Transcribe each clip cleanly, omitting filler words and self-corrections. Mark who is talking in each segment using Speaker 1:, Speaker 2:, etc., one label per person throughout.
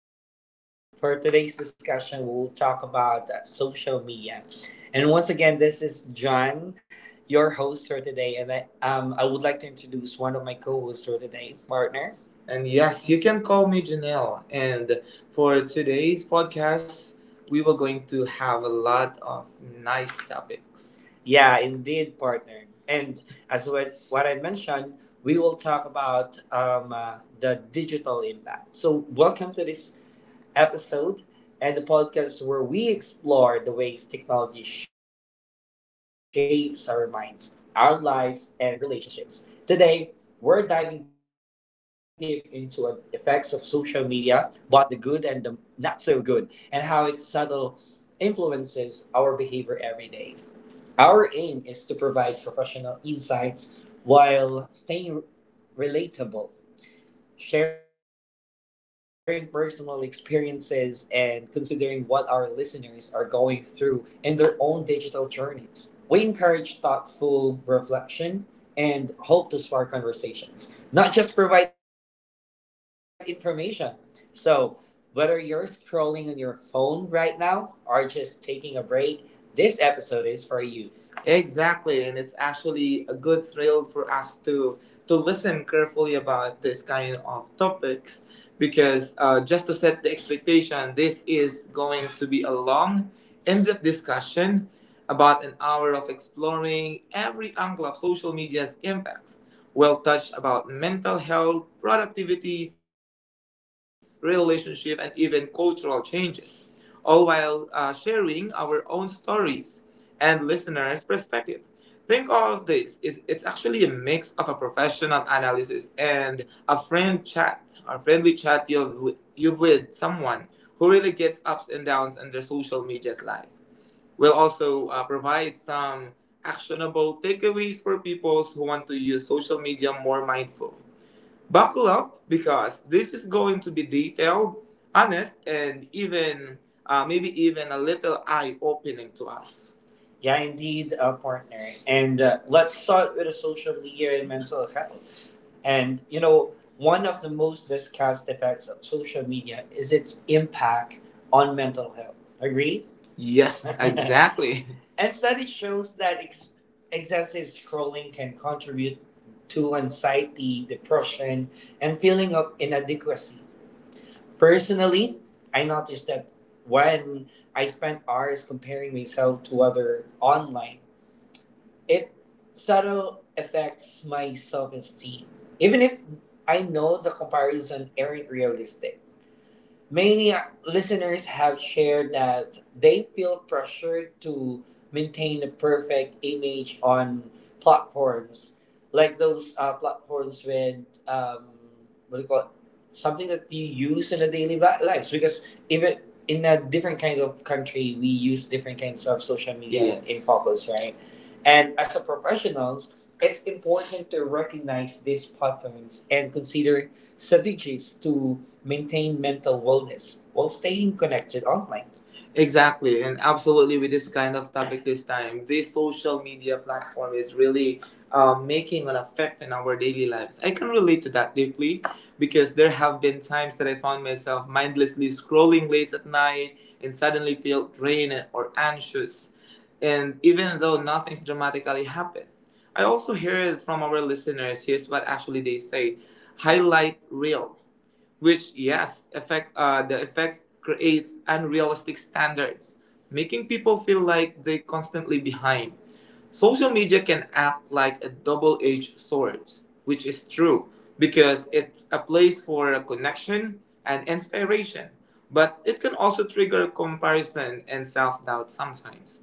Speaker 1: D podcast. For today's discussion, we'll talk about social media. And once again, this is John, your host for today. And I would like to introduce one of my co hosts for today, partner. And yes, you can call me Janelle. And for today's podcast, we were going to have a lot of nice topics. Yeah, indeed, partner. And as what I mentioned, we will talk about the digital impact. So, welcome to this episode and the podcast where we explore the ways technology shapes our minds, our lives, and relationships. Today, we're diving deep into the effects of social media, both the good and the not so good, and how it subtle influences our behavior every day. Our aim is to provide professional insights while staying relatable, sharing personal experiences and considering what our listeners are going through in their own digital journeys. We encourage thoughtful reflection and hope to spark conversations, not just provide information. So, whether you're scrolling on your phone right now or just taking a break, this episode is for you. Exactly, and it's actually a good thrill for us to listen carefully about this kind of topics because, just to set the expectation, this is going to be a long, in depth discussion about an hour of exploring every angle of social media's impacts. We'll touch about mental health, productivity, relationship, and even cultural changes, all while sharing our own stories and listeners' perspective. Think all of this is it's actually a mix of a professional analysis and a friend chat, a friendly chat you've with someone who really gets ups and downs in their social media's life. We'll also provide some actionable takeaways for people who want to use social media more mindful. Buckle up because this is going to be detailed, honest, and even, maybe even a little eye opening to us. Yeah, indeed, partner. And let's start with the social media and mental health. And, you know, one of the most discussed effects of social media is its impact on mental health. Agree? Yes, exactly. And study shows that excessive scrolling can contribute to anxiety, depression, and feeling of inadequacy. Personally, I noticed that when I spent hours comparing myself to other online, it subtle affects my self-esteem. Even if I know the comparison aren't realistic. Many listeners have shared that they feel pressured to maintain the perfect image on platforms like those platforms with, um, what do you call it? Something that you use in a lives because even in a different kind of country we use different kinds of social media. Yes, in focus, right? And as a professionals, it's important to recognize these patterns and consider strategies to maintain mental wellness while staying connected online. Exactly, and absolutely with this kind of topic this time, this social media platform is really, making an effect in our daily lives. I can relate to that deeply because there have been times that I found myself mindlessly scrolling late at night and suddenly feel drained or anxious, and even though nothing's dramatically happened. I also hear it from our listeners. Here's what actually they say: highlight reel, which yes affect, the effect creates unrealistic standards, making people feel like they're constantly behind. Social media can act like a double-edged sword, which is true because it's a place for connection and inspiration, but it can also trigger comparison and self-doubt sometimes.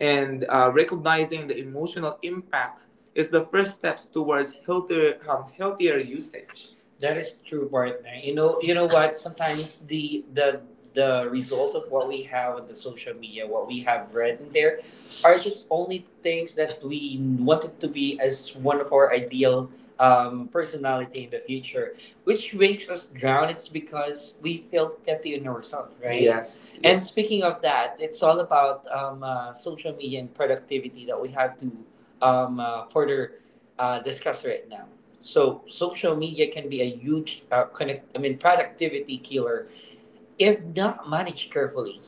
Speaker 1: And recognizing the emotional impact is the first steps towards healthier usage. That is true, partner. You know what? Sometimes the result of what we have on the social media, what we have read in there, are just only things that we wanted to be as one of our ideal, personality in the future, which makes us drown it's because we feel petty in ourselves, right? Yes, and yes. Speaking of that, it's all about social media and productivity that we have to further discuss right now. So social media can be a huge, connect I mean productivity killer if not managed carefully.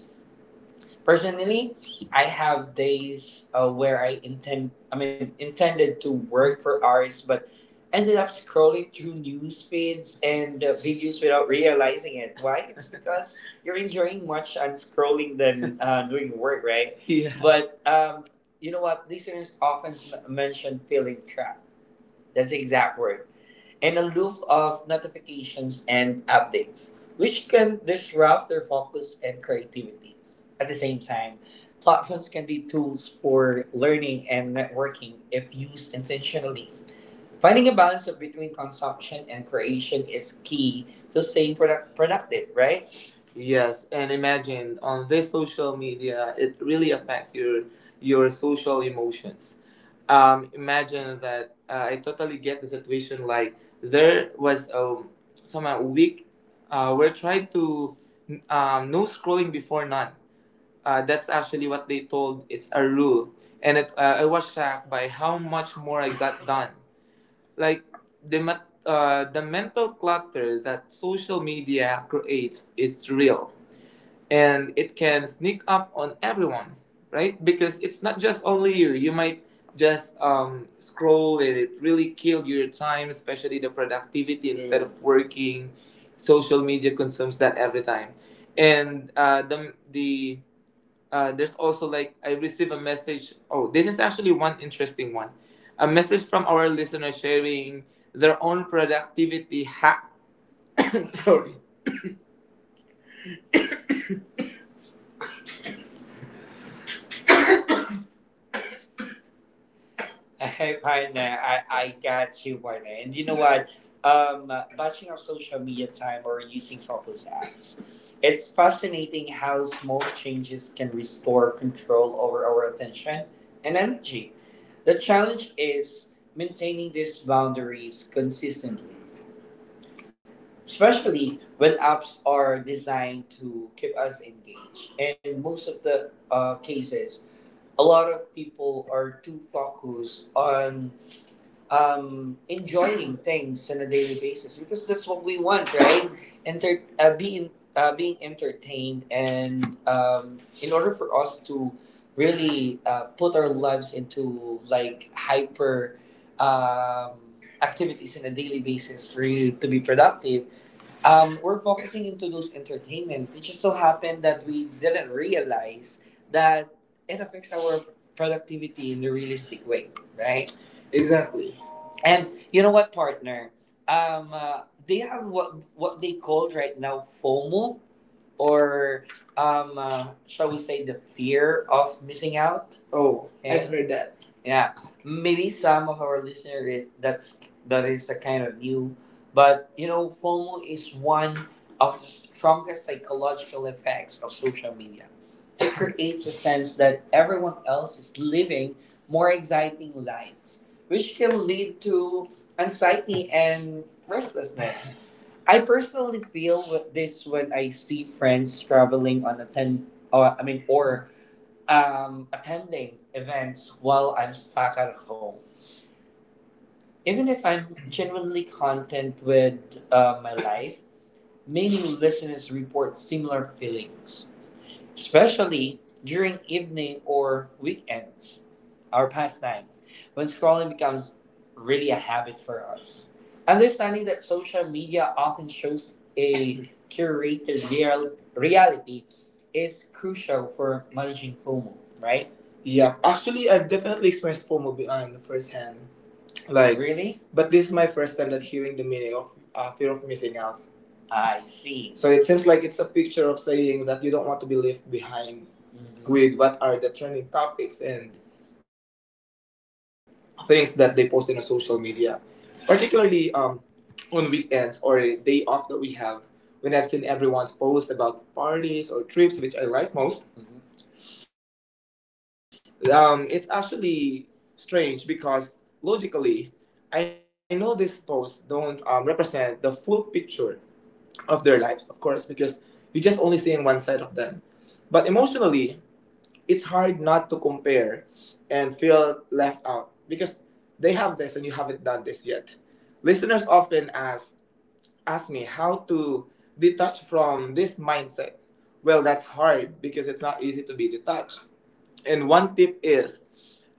Speaker 1: Personally, I have days where I intend I mean intended to work for hours but ended up scrolling through news feeds and, videos without realizing it. Why? It's because you're enjoying much on scrolling than, doing work, right? Yeah. But you know what? Listeners often mention feeling trapped. That's the exact word. And aloof of notifications and updates, which can disrupt their focus and creativity. At the same time, platforms can be tools for learning and networking if used intentionally. Finding a balance of between consumption and creation is key to staying productive, right? Yes, and imagine on this social media, it really affects your social emotions. Imagine that, I totally get the situation. Like there was a some week we're trying to, no scrolling before none. That's actually what they told. It's a rule, and it, I was shocked by how much more I got done, like the mental clutter that social media creates it's real, and it can sneak up on everyone, right? Because it's not just only you, you might just scroll and it really killed your time, especially the productivity instead of working, social media consumes that every time. And there's also like I received a message. Oh, this is actually one interesting one. A message from our listener sharing their own productivity hack. Sorry. Hey, Partner, I got you, partner. And you know what? Um, Batching of social media time or using focus apps. It's fascinating how small changes can restore control over our attention and energy. The challenge is maintaining these boundaries consistently. Especially when apps are designed to keep us engaged. And most of the, cases, a lot of people are too focused on, enjoying things on a daily basis because that's what we want, right? Enter- uh, being being entertained, and in order for us to really, put our lives into like hyper, um, activities on a daily basis for you to be productive, we're focusing into those entertainment. It just so happened that we didn't realize that it affects our productivity in the realistic way, right? Exactly. And you know what, partner? Um, uh, they have what they called right now FOMO, or shall we say the fear of missing out. Oh, okay. I've heard that. Yeah, maybe some of our listeners that's that is a kind of new, but you know, FOMO is one of the strongest psychological effects of social media. It creates a sense that everyone else is living more exciting lives, which can lead to anxiety and restlessness. I personally feel with this when I see friends traveling on attend, or I mean, or attending events while I'm stuck at home. Even if I'm genuinely content with my life, many listeners report similar feelings especially during evening or weekends, our pastime, when scrolling becomes really a habit for us. Understanding that social media often shows a reality is crucial for managing FOMO, right? Yeah, actually, I've definitely experienced FOMO beyond firsthand. Like, really? But this is my first time that hearing the meaning of fear of missing out. I see. So it seems like it's a picture of saying that you don't want to be left behind. Mhm. With what are the trending topics and things that they post in the social media, particularly on weekends or a day off that we have. When I've seen everyone's post about parties or trips, which I like most, mhm, it's actually strange because logically, I know this post don't represent the full picture of their lives, of course, because you just only see in one side of them. But emotionally, it's hard not to compare and feel left out because they have this and you haven't done this yet. Listeners often ask me how to detach from this mindset. Well, that's hard because it's not easy to be detached. And one tip is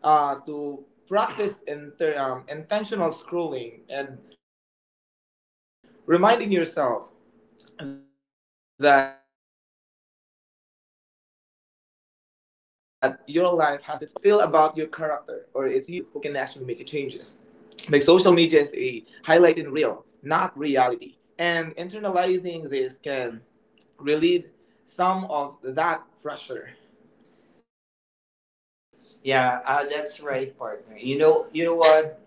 Speaker 1: to practice intentional scrolling and reminding yourself that your life has its own meaningful moment, which means that it's still about your character or it's you who can actually make the changes. Like social media is a highlighting reel, not reality. And internalizing this can relieve some of that pressure. Yeah, that's right, partner. You know what?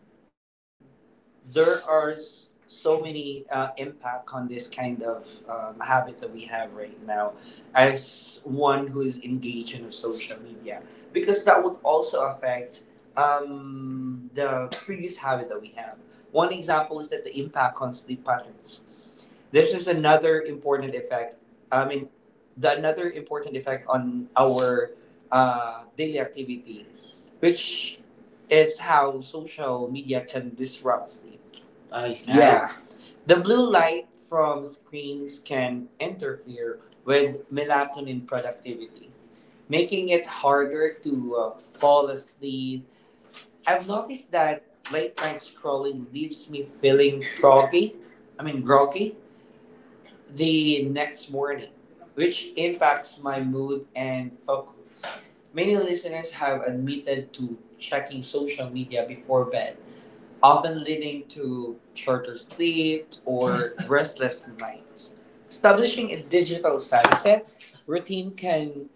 Speaker 1: There are so many impact on this kind of habit that we have right now as one who is engaged in a social media, because that would also affect the previous habit that we have. One example is that the impact on sleep patterns. This is another important effect. I mean, the another important effect on our daily activity, which is how social media can disrupt sleep. I see. Yeah. The blue light from screens can interfere with melatonin productivity, making it harder to fall asleep. I've noticed that late night scrolling leaves me feeling groggy. I mean, groggy the next morning, which impacts my mood and focus. Many listeners have admitted to checking social media before bed, often leading to shorter sleep or restless nights. Establishing a digital sunset routine can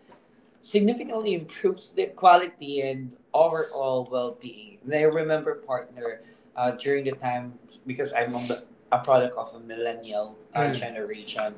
Speaker 1: significantly improve sleep quality and overall well-being. And I remember, partner, during the time, because I'm on the, a product of a millennial Mm. generation.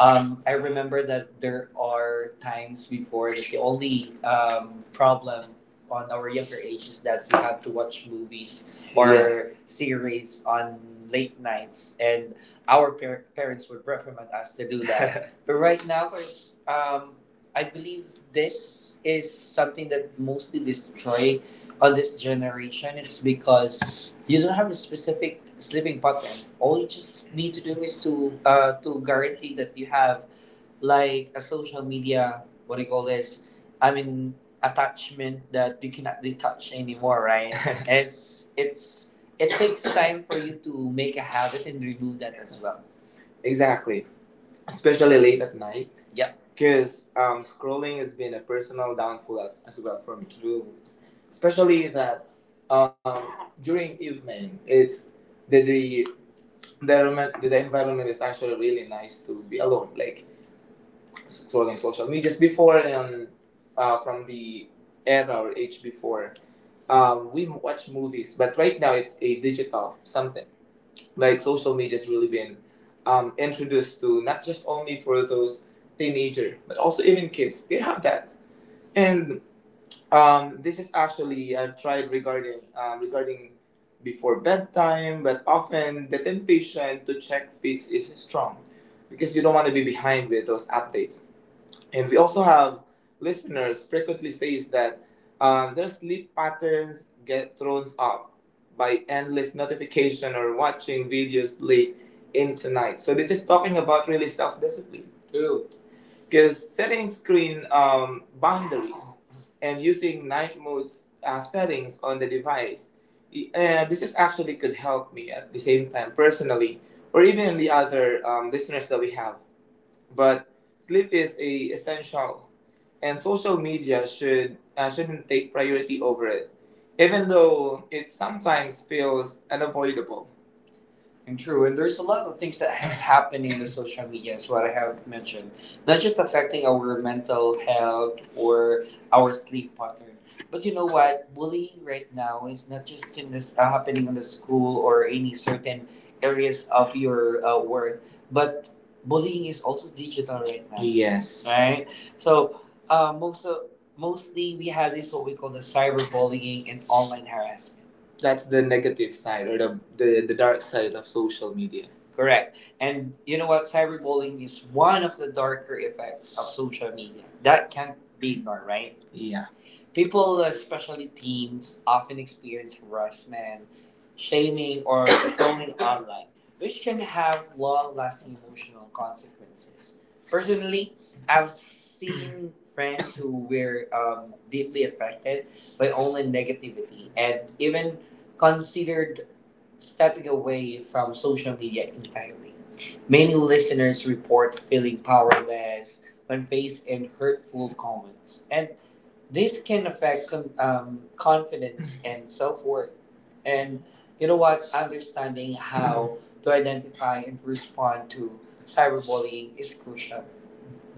Speaker 1: I remember that there are times before that the only problem on our younger age is that we had to watch movies or Yeah. series on late nights, and our parents would reprimand us to do that. But right now, there's, I believe this is something that mostly destroy on this generation. It's because you don't have a specific sleeping pattern. All you just need to do is to guarantee that you have like a social media. What do you call this? I mean, attachment that you cannot detach anymore, right? It's it takes time for you to make a habit and remove that as well. Exactly, especially late at night. Yep. Because scrolling has been a personal downfall as well for me too. Especially that um, during evening, it's the the environment is actually really nice to be alone. Like scrolling social media. Just before and from the era or age before, we watch movies, but right now it's a digital something, like social media has really been introduced to not just only for those teenager but also even kids, they have that. And this is actually I've tried regarding regarding before bedtime, but often the temptation to check feeds is strong because you don't want to be behind with those updates. And we also have listeners frequently says that their sleep patterns get thrown off by endless notification or watching videos late into night. So this is talking about really self-discipline. Because setting screen boundaries and using night modes settings on the device, this is actually could help me at the same time personally, or even the other listeners that we have. But sleep is a essential, and social media should shouldn't take priority over it, even though it sometimes feels unavoidable. And true, and there's a lot of things that has happened in the social media, is what I have mentioned. Not just affecting our mental health or our sleep pattern, but you know what? Bullying right now is not just in this happening in the school or any certain areas of your work, but bullying is also digital right now. Yes. Right? So uh, most of mostly we have this what we call the cyberbullying and online harassment. That's the negative side, or the dark side of social media. Correct. And you know what? Cyberbullying is one of the darker effects of social media that can't be ignored, right? Yeah. People, especially teens, often experience harassment, shaming, or trolling online, which can have long lasting emotional consequences. Personally, I've seen friends who were deeply affected by online negativity and even considered stepping away from social media entirely. Many listeners report feeling powerless when faced in hurtful comments, and this can affect confidence and self worth. And you know what? Understanding how to identify and respond to cyberbullying is crucial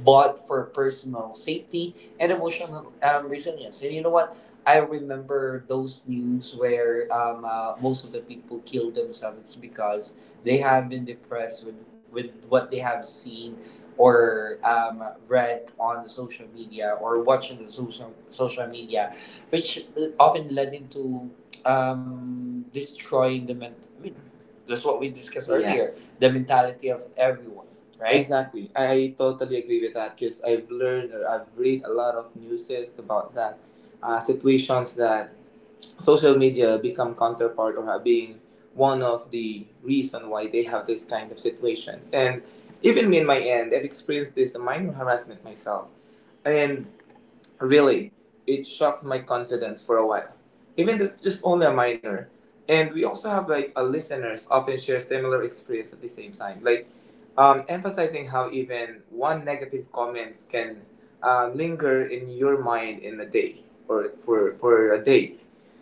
Speaker 1: but for personal safety and emotional resilience. And you know what? I remember those news where most of the people kill themselves. It's because they have been depressed with what they have seen or read on the social media or watching the social media, which often led into destroying the I mean, that's what we discussed earlier. Yes. The mentality of everyone, right? Exactly. I totally agree with that because I've learned or I've read a lot of newses about that. Situations that social media become counterpart or have been one of the reason why they have this kind of situations. And even me in my end, I've experienced this minor harassment myself. And really, it shocks my confidence for a while, even if it's just only a minor. And we also have like a listeners often share similar experience at the same time, like emphasizing how even one negative comments can linger in your mind in a day or for a day.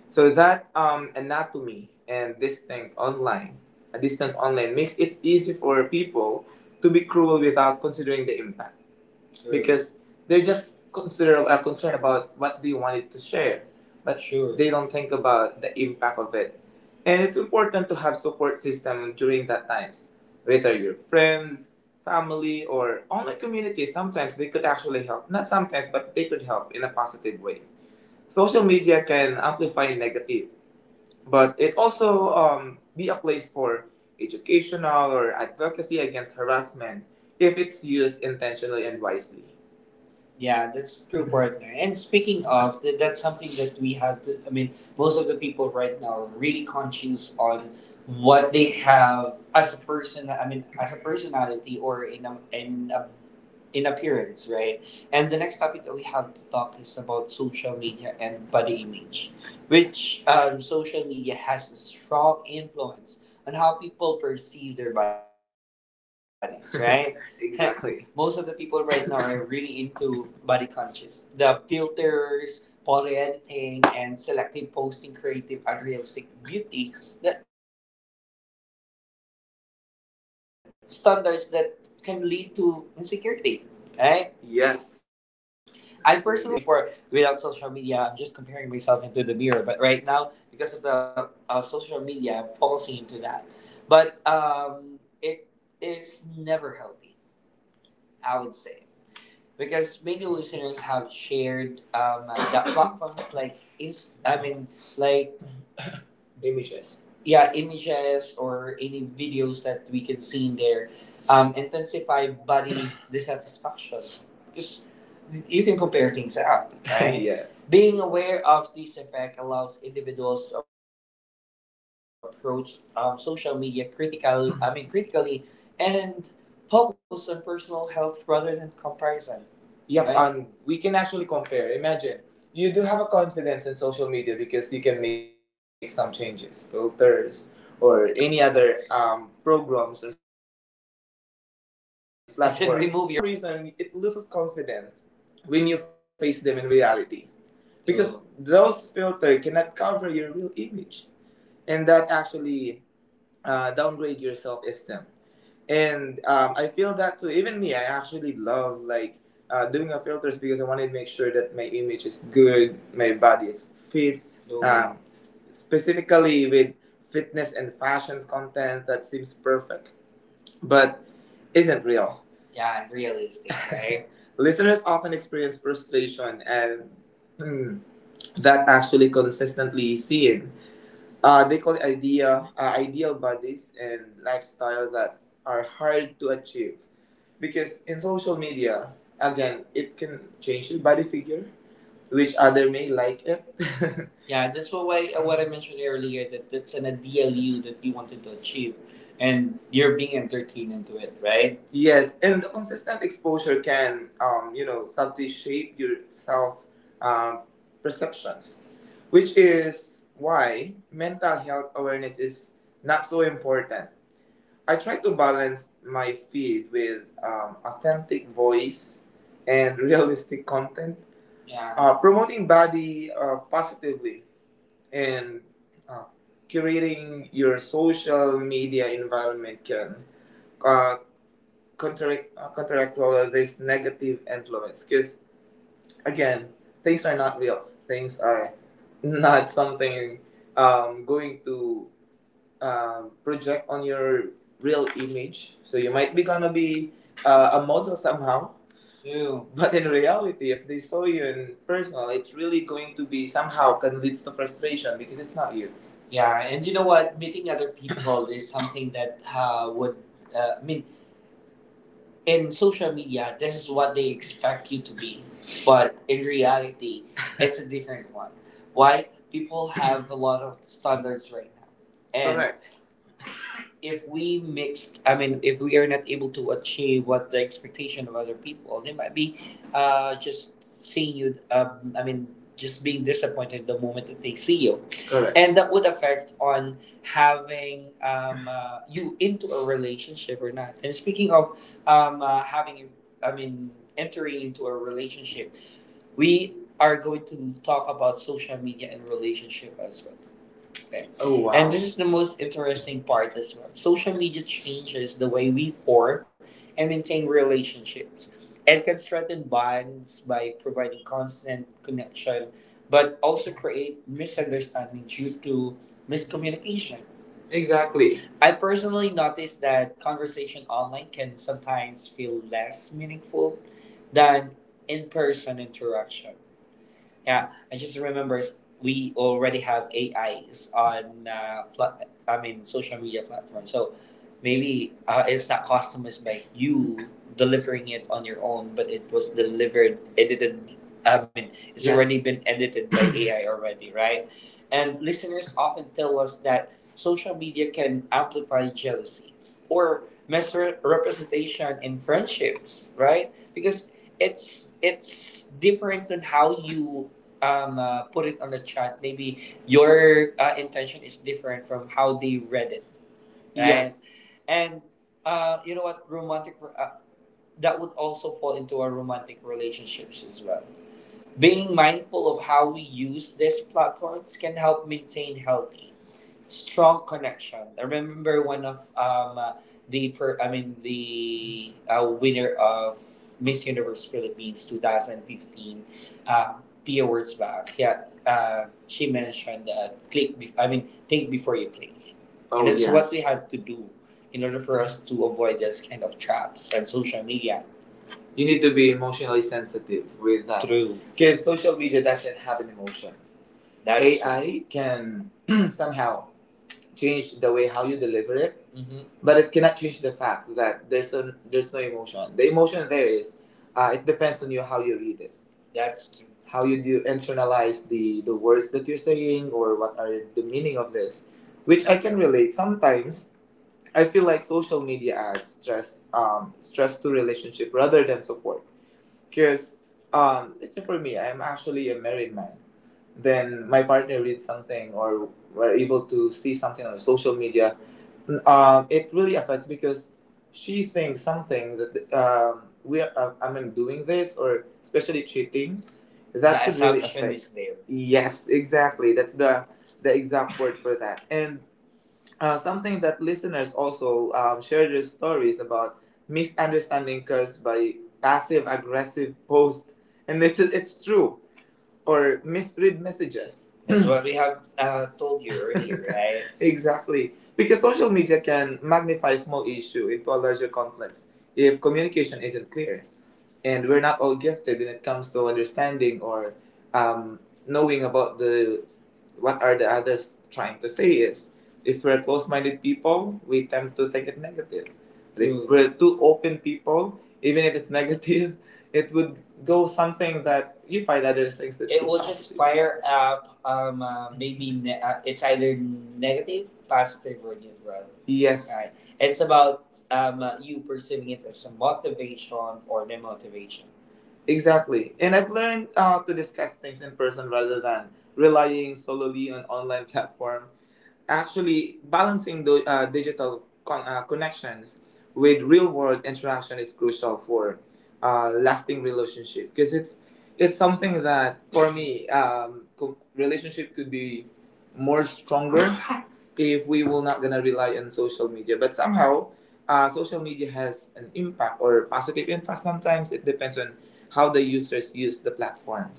Speaker 1: So that anatomy and distance online, a distance online, makes it easy for people to be cruel without considering the impact. Sure. Because they're just consider concerned about what they wanted to share. But sure, they don't think about the impact of it. And it's important to have support system during that times, whether your friends, family, or online community. Sometimes they could actually help. Not sometimes, but they could help in a positive way. Social media can amplify negative, but it also be a place for educational or advocacy against harassment if it's used intentionally and wisely. Yeah, that's true, partner. And speaking of, that's something that we have to. I mean, most of the people right now are really conscious on what they have as a person. I mean, as a personality or in appearance, right? And the next topic that we have to talk is about social media and body image, which social media has a strong influence on how people perceive their bodies, right? Exactly. Most of the people right now are really into body conscious. The filters, photo editing, and selective posting creative unrealistic beauty the standards that can lead to insecurity. Right? Yes. I personally caught myself comparing my appearance to influencers, not just in the mirror. Before, without social media, I'm just comparing myself into the mirror. But right now, because of the social media, I'm focusing into that. But it is never healthy, I would say. Because many listeners have shared that platforms like is, I mean, like images. Yeah, images or any videos that we can see in there intensify body dissatisfaction because you can compare things up. Right? Yes. Being aware of this effect allows individuals to approach social media, critically, and focus on personal health rather than comparison. Yep, right, and we can actually compare. Imagine you do have a confidence in social media because you can make some changes, filters, or any other programs or platform. Remove your pores. Right? Definitely. And for some reason, it loses confidence when you face them in reality, because true, those filter cannot cover your real image, and that actually downgrade your self-esteem. And I feel that too. Even me, I actually love like doing a filters because I want to make sure that my image is good, my body is fit. Specifically with fitness and fashions content that seems perfect, but isn't real. Yeah, and realistic, right? Listeners often experience frustration and hmm, that actually consistently seen they call it idea, ideal bodies and lifestyle that are hard to achieve. Because in social media, again, it can change your body figure, which other may like it. Yeah, that's what why what I mentioned earlier, that that's an ideal you that you wanted to achieve, and you're being entertained into it, right? Yes, and the consistent exposure can, you know, subtly shape your self um, perceptions, which is why mental health awareness is not so important. I try to balance my feed with authentic voice and realistic content, yeah, promoting body positively and uh, curating your social media environment can uh, counteract all of this negative influence. Because again, things are not real. Things are not something going to project on your real image. So you might be gonna be a model somehow, true, but in reality, if they saw you in personal, it's really going to be somehow can leads to frustration because it's not you. Yeah, and you know what? Meeting other people is something that I mean, in social media, this is what they expect you to be, but in reality, it's a different one. Why? People have a lot of standards right now, and if we mixed, I mean if we are not able to achieve what the expectation of other people, they might be just seeing you, I mean just being disappointed the moment that they see you. Correct. And that would affect on having you into a relationship or not. And speaking of having, I mean entering into a relationship, we are going to talk about social media and relationship as well there. Oh wow. And this is the most interesting part as well. Social media changes the way we form and maintain relationships. It can strengthen bonds by providing constant connection, but also create misunderstanding due to miscommunication. Exactly. I personally noticed that conversation online can sometimes feel less meaningful than in person interaction. Yeah, I just remember we already have AIs on I mean, social media platforms. So maybe it's not customized by you delivering it on your own, but it was delivered edited. I mean, it's already, yes, been edited by AI already, right? And listeners often tell us that social media can amplify jealousy or misrepresentation in friendships, right? Because it's different than how you put it on the chat. Maybe your intention is different from how they read it, right? Yes. And you know what? Romantic That would also fall into our romantic relationships as well. Being mindful of how we use these platforms can help maintain healthy, strong connection. I remember one of I mean, the winner of Miss Universe Philippines 2015 uh, P Awards back. Yeah, she mentioned that click. I mean, think before you click. Oh, and that's, yes, what we have to do in order for us to avoid this kind of traps on social media. You need to be emotionally sensitive with that. True. Because social media doesn't have an emotion. That's AI can somehow change the way how you deliver it, mhm, but it cannot change the fact that there's no emotion. The emotion there is, it depends on you how you read it. That's true. How you do internalize the words that you're saying or what are the meaning of this, which I can relate. Sometimes I feel like social media adds stress to relationship rather than support. Because let's say for me, I'm actually a married man. Then my partner reads something or were able to see something on social media. It really affects because she thinks something that I mean, doing this or especially cheating. That, the could is how really affect, is there. Yes, exactly. That's the exact word for that. And something that listeners also share their stories about misunderstanding caused by passive aggressive posts, and it's true or misread messages. That's what we have told you earlier, right? Exactly, because social media can magnify small issue into a larger conflict if communication isn't clear, and we're not all gifted when it comes to understanding or um, knowing about the what are the others trying to say is, if we're close-minded people we tend to take it negative. But if, mm, we're too open people, even if it's negative, it would go something that you find other things that, it could will positive, just fire up. It's either negative, positive, or neutral. Yes, right. It's about you perceiving it as a motivation or demotivation. Exactly. And I've learned to discuss things in person rather than relying solely on online platform. Actually, balancing the digital connections with real world interaction is crucial for lasting relationship, because it's something that for me relationship could be more stronger if we were not gonna rely on social media. But somehow, social media has an impact or positive impact. Sometimes it depends on how the users use the platform.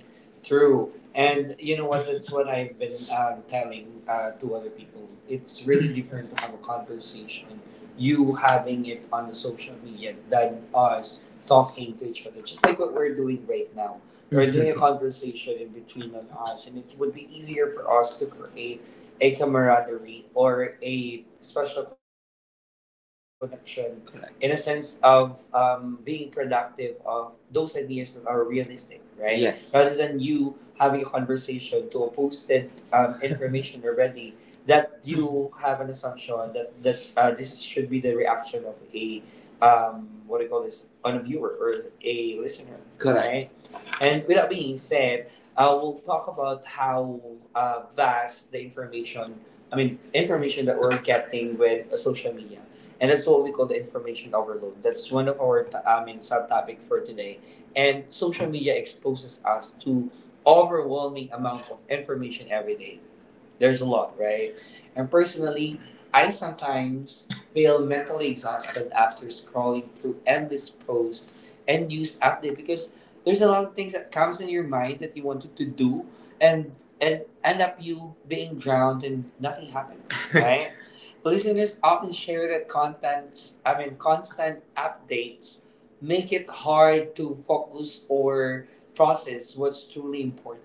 Speaker 1: True. And you know what? That's what I've been telling to other people. It's really different to have a conversation, you having it on the social media, than us talking to each other. Just like what we're doing right now. We're doing a conversation in between on us, and it would be easier for us to create a camaraderie or a special connection, correct, in a sense of being productive of those ideas that are realistic, right? Yes. Rather than you having a conversation to a posted information already, that you have an assumption that this should be the reaction of a what do you call this on a viewer or a listener, correct, right? And with that being said, we'll talk about how vast the information, I mean, information that we're getting with social media. And that's what we call the information overload. That's one of our I mean, subtopic for today. And social media exposes us to overwhelming amount of information every day. There's a lot, right? And personally, I sometimes feel mentally exhausted after scrolling through endless posts and news update, because there's a lot of things that comes in your mind that you wanted to do, and and end up you being drowned and nothing happens, right? Listeners often share that contents, I mean, constant updates make it hard to focus or process what's truly important.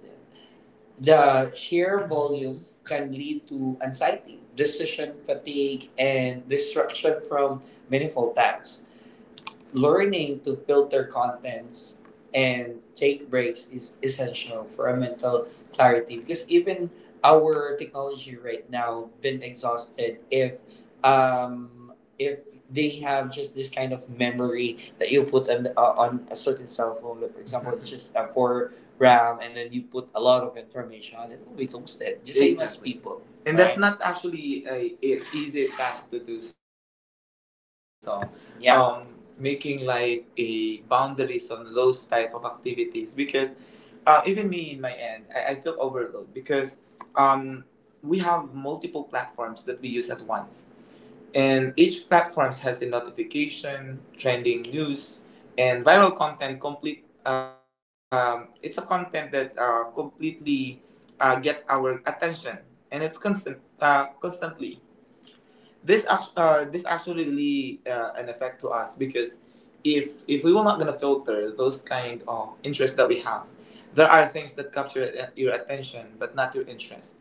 Speaker 1: The sheer volume can lead to anxiety, decision fatigue, and distraction from meaningful tasks. Learning to filter contents and take breaks is essential for our mental clarity, because even our technology right now been exhausted if um if they have just this kind of memory that you put on a certain cell phone, like for example, it's just for RAM, and then you put a lot of information on it, it will be toasted, just same as, exactly, people. And that's right, not actually a easy task to do so. Yeah. Making like a boundaries on those type of activities, because even me in my end, I feel overloaded, because um, we have multiple platforms that we use at once, and each platform has a notification, trending news, and viral content complete it's a content that completely gets our attention, and it's constantly this actually really an effect to us, because if we were not gonna filter those kind of interests that we have, there are things that capture your attention but not your interest,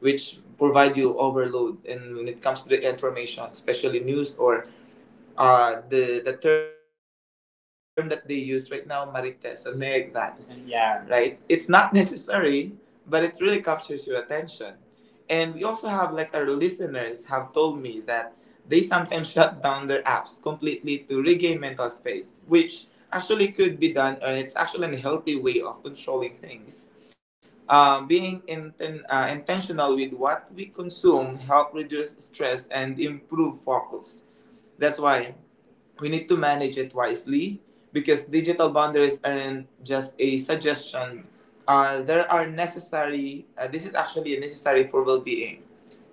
Speaker 1: which provide you overload. And when it comes to the information, especially news, or the term that they use right now, marites, something like that, yeah, right? It's not necessary, but it really captures your attention. And we also have, like, our listeners have told me that they sometimes shut down their apps completely to regain mental space, which actually could be done, and it's actually a healthy way of controlling things. Being intentional with what we consume help reduce stress and improve focus. That's why we need to manage it wisely, because digital boundaries aren't just a suggestion. There are necessary, this is actually necessary for well being.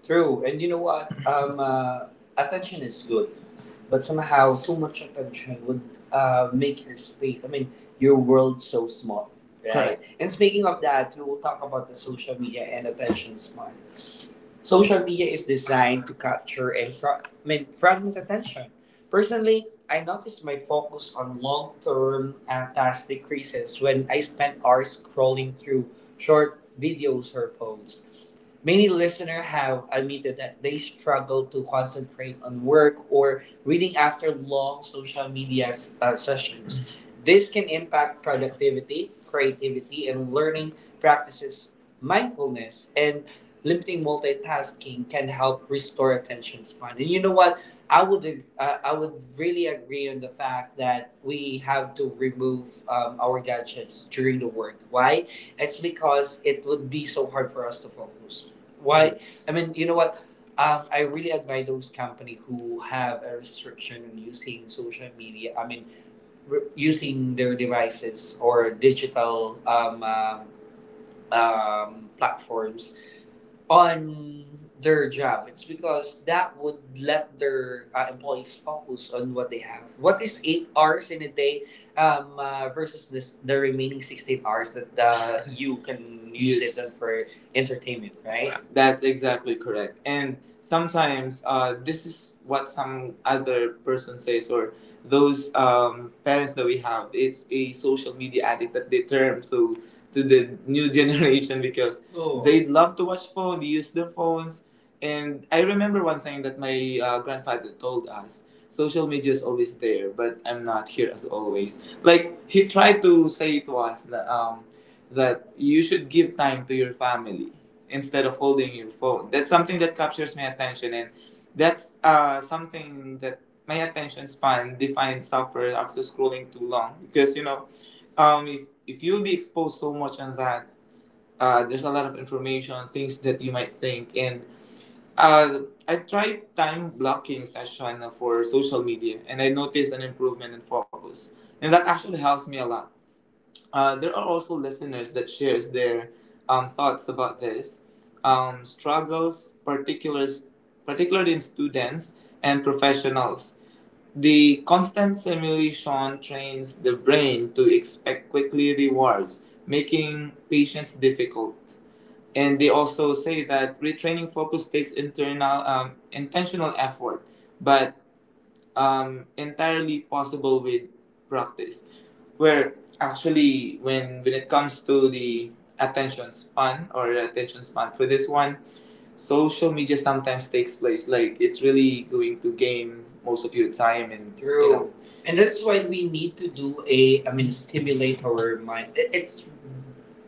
Speaker 1: True, and you know what? Attention is good, but somehow too much attention would make your space. I mean, your world so small, right? Correct. And speaking of that, we will talk about the social media and attention span. Social media is designed to capture and I mean, fragment attention. Personally, I noticed my focus on long term tasks decreases when I spend hours scrolling through short videos or posts. Many listeners have admitted that they struggle to concentrate on work or reading after long social media sessions. This can impact productivity, creativity, and learning practices. Mindfulness and limiting multitasking can help restore attention span. And you know what? I would really agree on the fact that we have to remove our gadgets during the work. Why? It's because it would be so hard for us to focus. Why? I mean, you know what? I really admire those company who have a restriction on using social media. I mean, using their devices or digital platforms on their job. It's because that would let their employees focus on what they have. What is 8 hours in a day versus this, the remaining 16 hours that you can use it then, yes, for entertainment, right? That's exactly correct. And sometimes this is what some other person says, or those parents that we have, it's a social media addict that they term so to the new generation, because, oh, they love to watch phone. They use their phones. And I remember one thing that my grandfather told us: social media is always there, but I'm not here as always. Like he tried to say to us that you should give time to your family instead of holding your phone. That's something that captures my attention, and that's something that my attention span defines suffer after scrolling too long because um, if, if you'll be exposed so much on that there's a lot of information, things that you might think, and uh, I tried time blocking session for social media, and I noticed an improvement in focus, and that actually helps me a lot. There are also listeners that shares their thoughts about this struggles, particularly in students and professionals. The constant simulation trains the brain to expect quickly rewards, making patience difficult, and they also say that retraining focus takes internal intentional effort, but entirely possible with practice. Where actually when it comes to the attention span or attention span for this one, social media sometimes takes place. Like it's really going to gain most of your time and true. You know, and that's why we need to do a I mean stimulate our mind.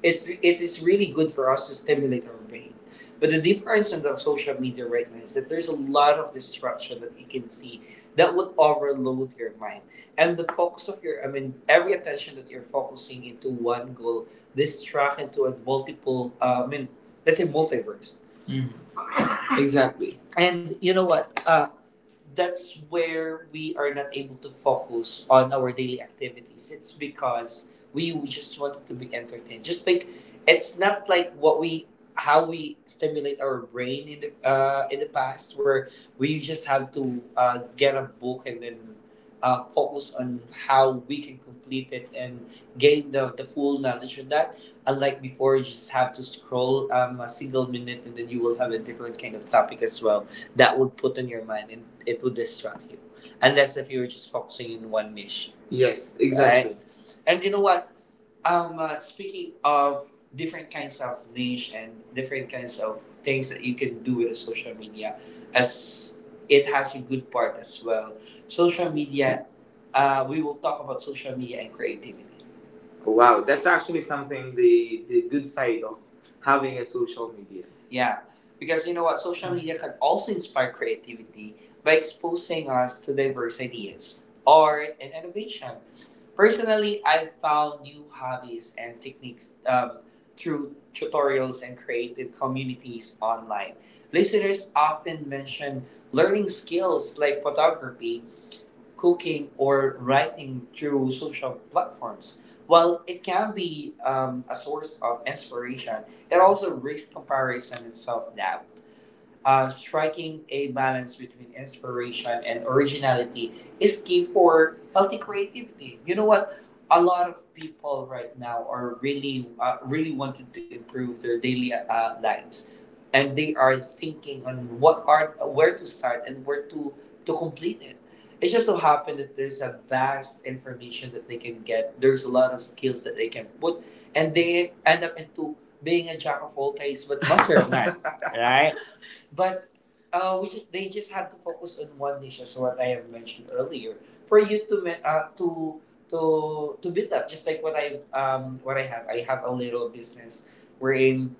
Speaker 1: it it is really good for us to stimulate our brain. But the difference on the social media right now is that there's a lot of disruption that you can see that would overload your mind. And the focus of your I mean every attention that you're focusing into one goal distract into a multiple let's say multiverse. Mm-hmm, exactly. And you know what? That's where we are not able to focus on our daily activities. It's because we just wanted to be entertained. Just like it's not like what we how we stimulate our brain in the past, where we just have to get a book and then focus on how we can complete it and gain the full knowledge on that. Unlike before, you just have to scroll a single minute and then you will have a different kind of topic as well that would put on your mind and it would distract you. Unless if you were just focusing in one niche. Yes, exactly. Right? And you know what? Speaking of different kinds of niche and different kinds of things that you can do with a social media, as it has a good part as well. Social media, we will talk about social media and creativity. Wow, that's actually something, the good side of having a social media. Yeah, because you know what, social media can also inspire creativity by exposing us to diverse ideas, art, and innovation. Personally, I've found new hobbies and techniques through tutorials and creative communities online. Listeners often mention learning skills like photography, cooking, or writing through social platforms. While it can be a source of inspiration, it also risks comparison and self doubt. Striking a balance between inspiration and originality is key for healthy creativity. You know what? A lot of people right now are really, really wanting to improve their daily lives, and they are thinking on what art, where to start and where to complete it. It just so happened that there's a vast information that they can get. There's a lot of skills that they can put, and they end up into being a jack of all trades but master of none, right? But we just they just have to focus on one niche, as what I have mentioned earlier, for you to to build up. Just like what I have a little business wherein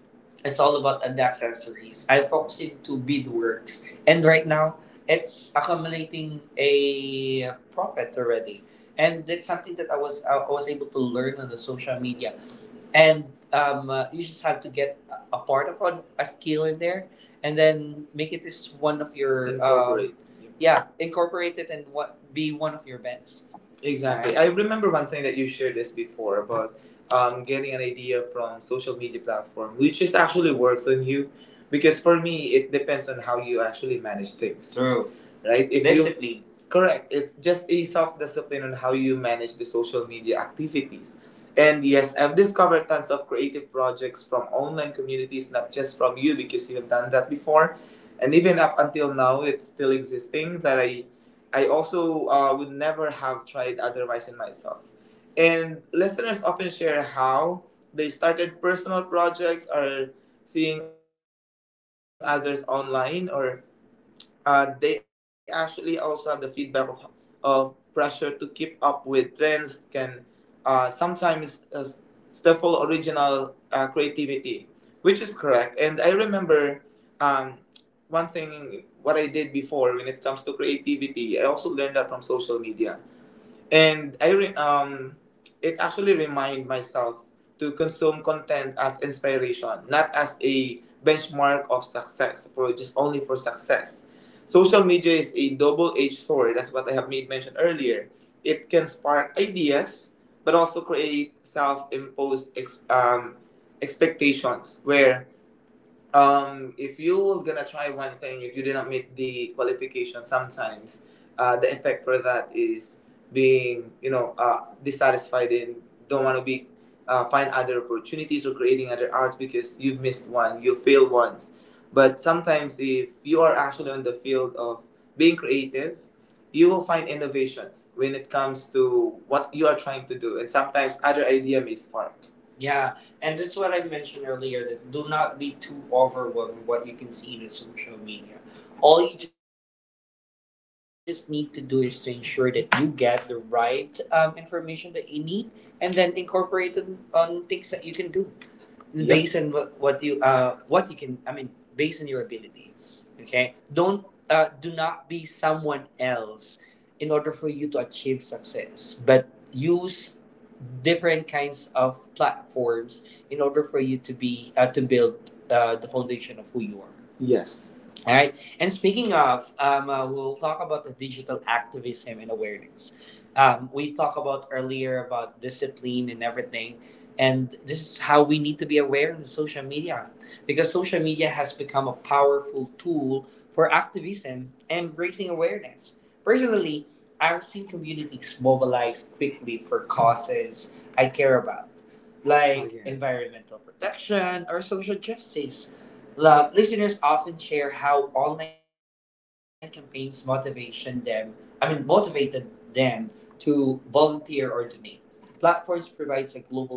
Speaker 1: it's all about ad accessories. I'm focusing to beadworks, and right now it's accumulating a profit already. And that's something that I was able to learn on the social media, and you just have to get a part of a skill in there and then make it as one of your incorporate. Yeah, incorporate it and what be one of your events. Exactly. I remember one thing that you shared this before about getting an idea from social media platform, which is actually works on you, because for me it depends on how you actually manage things, true, right? If you discipline correct, it's just a self discipline on how you manage the social media activities. And yes, I've discovered tons of creative projects from online communities, not just from you, because you've done that before. And even up until now, it's still existing that I also would never have tried otherwise in myself. And listeners often share how they started personal projects or seeing others online, or they actually also have the feedback of pressure to keep up with trends can sometimes stifle original creativity, which is correct. And I remember, um, one thing what I did before when it comes to creativity, I also learned that from social media. And it actually remind myself to consume content as inspiration, not as a benchmark of success, for just only for success. Social media is a double-edged sword. That's what I have made mention earlier. It can spark ideas, but also create self-imposed expectations where, if you were gonna try one thing, if you didn't meet the qualification, sometimes the effect for that is being, you know, dissatisfied and don't want to be find other opportunities or creating other art because you've missed one, you failed once. But sometimes, if you are actually on the field of being creative, you will find innovations when it comes to what you are trying to do, and sometimes other idea may spark. Yeah, and that's what I mentioned earlier, that do not be too overwhelmed what you can see in the social media. All you just need to do is to ensure that you get the right information that you need and then incorporate it on things that you can do. Yep. Based on what you can I mean based on your ability. Okay, don't, do not be someone else in order for you to achieve success, but use different kinds of platforms in order for you to be, to build the foundation of who you are. Yes, all right. And speaking of, we'll talk about the digital activism and awareness. We talked about earlier about discipline and everything. And this is how we need to be aware in the social media, because social media has become a powerful tool for activism and raising awareness. Personally, I've seen communities mobilize quickly for causes I care about, oh, like, oh yeah, environmental protection or social justice. Listeners often share how online campaigns motivation them, I mean motivated them to volunteer or donate. Platforms provides a global stage for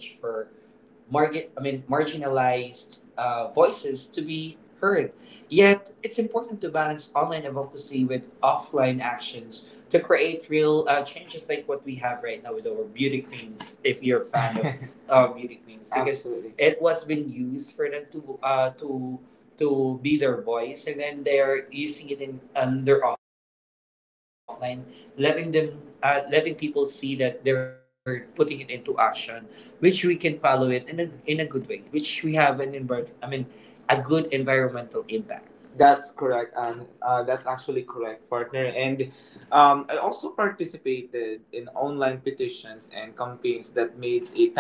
Speaker 1: marginalized voices to be heard. Yet it's important to balance online advocacy with offline actions to create real changes, like what we have right now with our beauty queens. If you're a fan of beauty queens, because absolutely, it was being used for them to to be their voice, and then they're using it in under offline, letting them, letting people see that they're putting it into action, which we can follow it in in a good way, which we have an envir- I mean, a good environmental impact. That's correct, and that's actually correct, partner. And I also participated in online petitions and campaigns that made a tangible difference.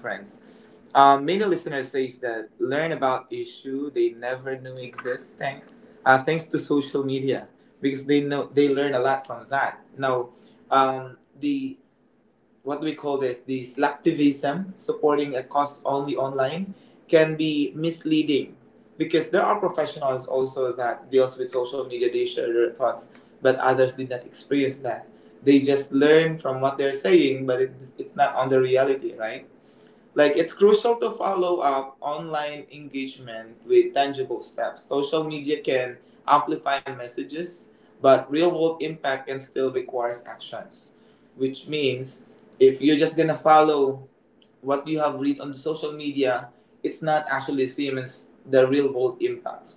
Speaker 1: Many listeners say that learn about issue they never knew exist thanks to social media, because they know they learn a lot from that. Now, the what do we call this, the selectivism, supporting a cause only online can be misleading, because there are professionals also that deals with social media, they share their thoughts, but others did not experience that, they just learn from what they're saying, but it's not on the reality, right? Like it's crucial to follow up online engagement with tangible steps. Social media can amplify messages, but real world impact can still requires actions. Which means, if you're just gonna follow what you have read on the social media, it's not actually same as the real world impact.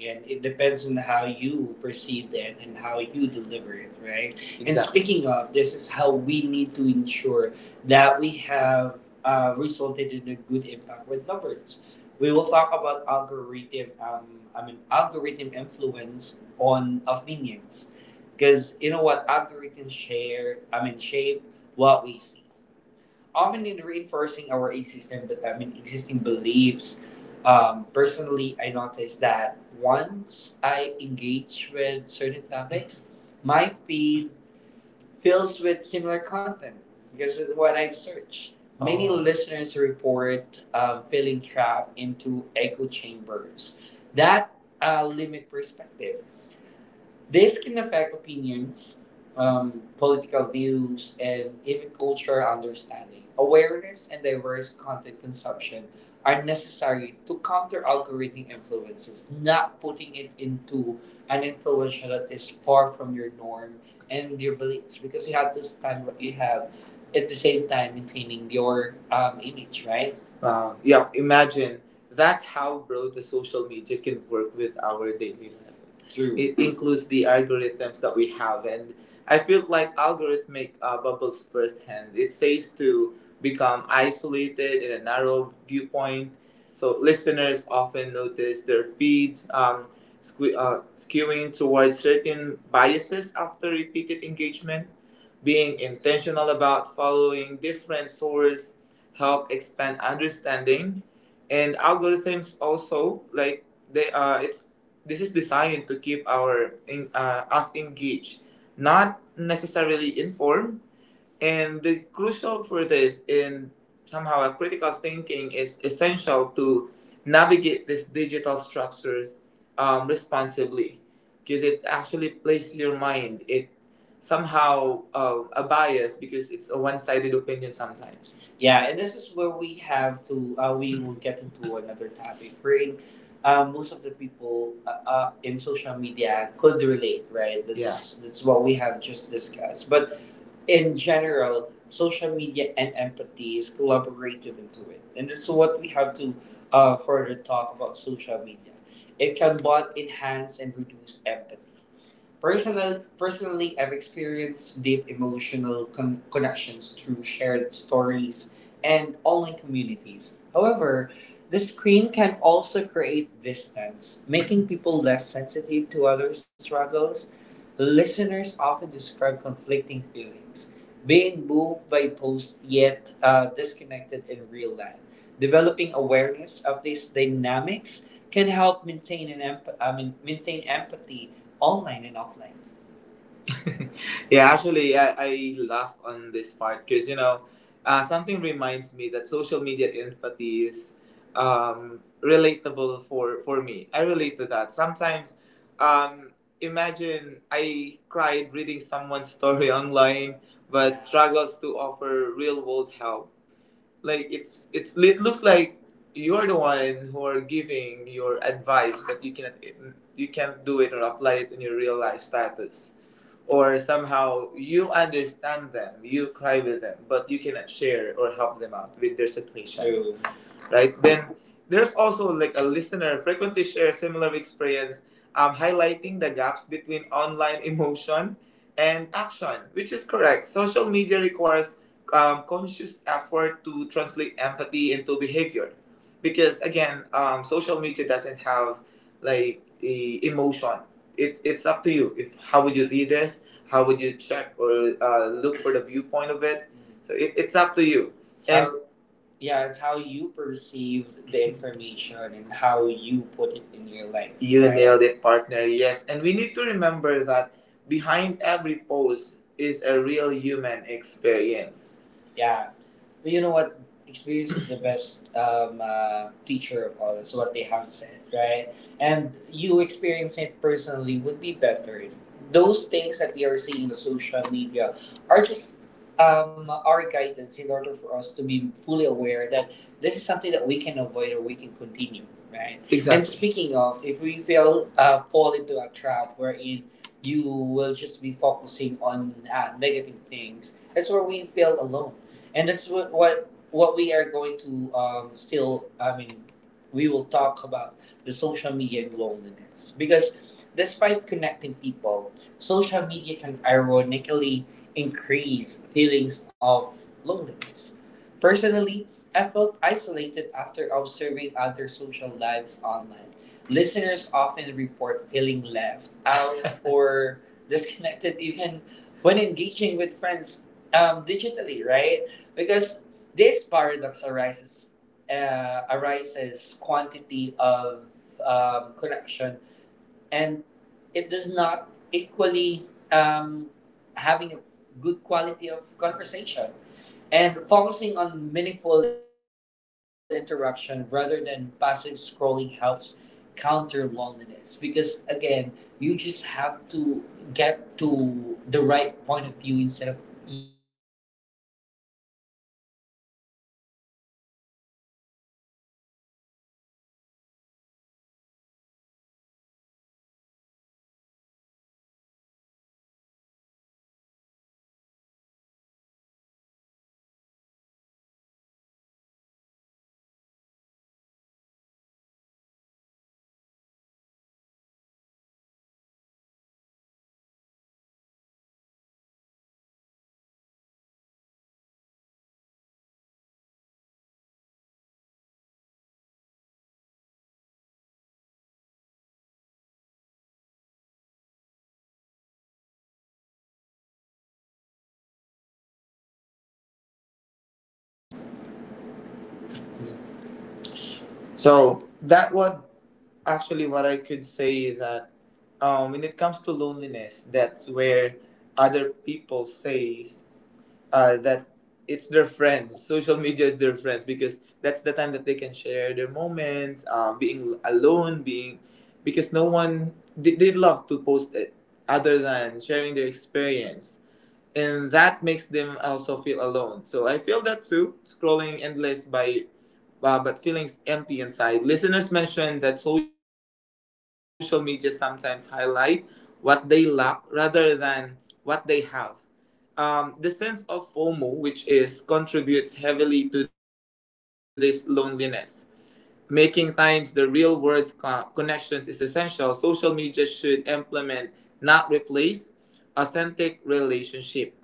Speaker 1: And it depends on how you perceive it and how you deliver it, right? Exactly. And exactly, speaking of, this is how we need to ensure that we have resulted in a good impact with numbers. We will talk about algorithm, algorithm influence on opinions, because you know what, algorithms share, I mean, shape what we see often in reinforcing our existing beliefs. Personally, I noticed that once I engage with certain topics, my feed fills with similar content because of what I've searched. Many Oh. listeners report feeling trapped into echo chambers that limit perspective. This can affect opinions, political views, and even cultural understanding. Awareness and diverse content consumption are necessary to counter algorithmic influences, not putting it into an influencer that is far from your norm and your beliefs, because you have to stand what you have at the same time maintaining your image, right? Wow. Yeah. Imagine that how broad the social media can work with our daily life. True. It includes the algorithms that we have, and I feel like algorithmic bubbles firsthand. It says to become isolated in a narrow viewpoint. So listeners often notice their feeds skewing towards certain biases after repeated engagement. Being intentional about following different sources help expand understanding, and algorithms also like they it's this is designed to keep us engaged, not necessarily informed, and the crucial for this in somehow a critical thinking is essential to navigate these digital structures responsibly because it actually places your mind it somehow a bias because it's a one-sided opinion sometimes. Yeah, and this is where we have to we will get into another topic wherein most of the people in social media could relate, right? That's yeah. That's what we have just discussed. But in general, social media and empathy is collaborated into it. And this is what we have to further talk about social media. It can both enhance and reduce empathy. Personally, I've experienced deep emotional connections through shared stories and online communities. However, the screen can also create distance, making people less sensitive to others' struggles. Listeners often describe conflicting feelings, being moved by posts yet disconnected in real life. Developing awareness of these dynamics can help maintain an emp- I mean, maintain empathy online and offline. Yeah, actually, I laugh on this part because, something reminds me that social media empathy is relatable for me. I relate to that. Sometimes, um, imagine I cried reading someone's story online but struggles to offer real world help. Like it looks like you're the one who are giving your advice, but you can't do it or apply it in your real life status or somehow you understand them, you cry with them, but you cannot share or help them out with their situation, true, right? Then there's also like a listener frequently shares similar experience, highlighting the gaps between online emotion and action, which is correct. Social media requires conscious effort to translate empathy into behavior, because again, social media doesn't have like emotion. It's up to you if how would you read this how would you check or look for the viewpoint of it? Mm-hmm. So it's up to you. So and yeah, it's how you perceived the information and how you put it in your life. You right? nailed it, partner? Yes. And we need to remember that behind every post is a real human experience. Yeah. But you know what? Experience is the best teacher of all. That's what they have said, right? And you experiencing it personally would be better. Those things that we are seeing in the social media are just our guidance in order for us to be fully aware that this is something that we can avoid or we can continue, right? Exactly. And Exactly. speaking of, if we feel fall into a trap wherein you will just be focusing on negative things, that's where we feel alone, and that's what we are going to still. I mean, we will talk about the social media and loneliness because despite connecting people, social media can ironically increase feelings of loneliness. Personally, I felt isolated after observing other social lives online. Listeners often report feeling left out or disconnected even when engaging with friends digitally, right? Because this paradox arises arises quantity of connection and it does not equally um, having a good quality of conversation and focusing on meaningful interaction rather than passive scrolling helps counter loneliness because again you just have to get to the right point of view instead of
Speaker 2: So that what, actually what I could say is that when it comes to loneliness, that's where other people says that it's their friends. Social media is their friends because that's the time that they can share their moments, being alone, being, because no one, they love to post it other than sharing their experience, and that makes them also feel alone. So I feel that too, scrolling endless by, but feeling empty inside. Listeners mentioned that social media sometimes highlight what they lack rather than what they have. The sense of FOMO, which is contributes heavily to this loneliness. Making times the real world connections is essential. Social media should implement, not replace, authentic relationship.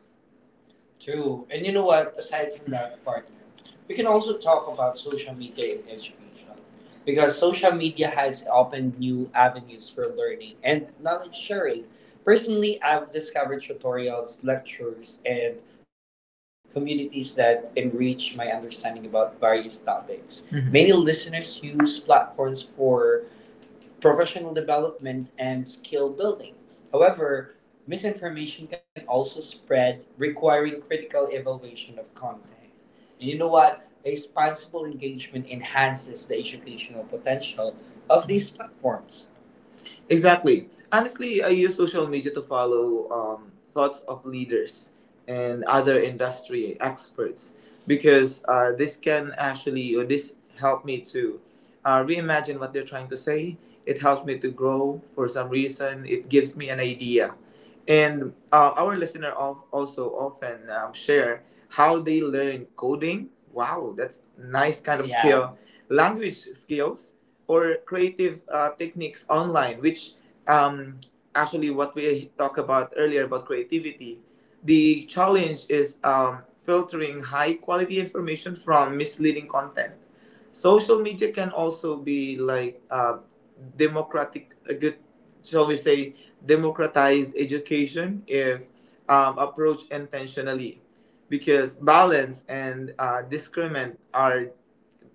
Speaker 2: True. And you know what? Aside from that, partner, we can also talk about social media in education, because social media has opened new avenues for learning and knowledge sharing. Personally, I've discovered tutorials, lectures, and communities that enrich my understanding about various topics. Mhm. Many listeners use platforms for professional development and skill building. However, misinformation can also spread, requiring critical evaluation of content. And you know what? Responsible engagement enhances the educational potential of these platforms. Exactly. Honestly, I use social media to follow thoughts of leaders and other industry experts because this can actually, or this helped me to reimagine what they're trying to say. It helps me to grow for some reason. It gives me an idea. And our also often share how they learn coding. Wow, that's nice kind of, yeah, skill. Language skills or creative techniques online, which, um, actually what we talked about earlier about creativity. The challenge is filtering high quality information from misleading content. Social media can also be like, democratic, a good, shall we say, democratize education if approached intentionally, because balance and discernment are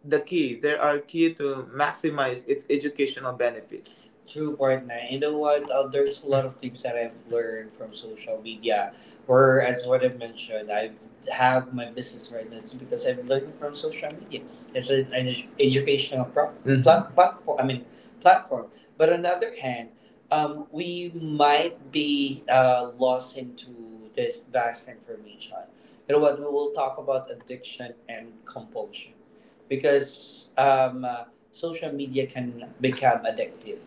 Speaker 2: the key. There are key to maximize its educational benefits. True partner. You know what? There's a lot of things that I've learned from social media. Where as what I mentioned, I have my business right now. It's because I've learned from social media. It's an educational Mhm. Platform. I mean, platform. But on the other hand, we might be lost into this vast information. You know what? We will talk about addiction and compulsion because social media can become addictive.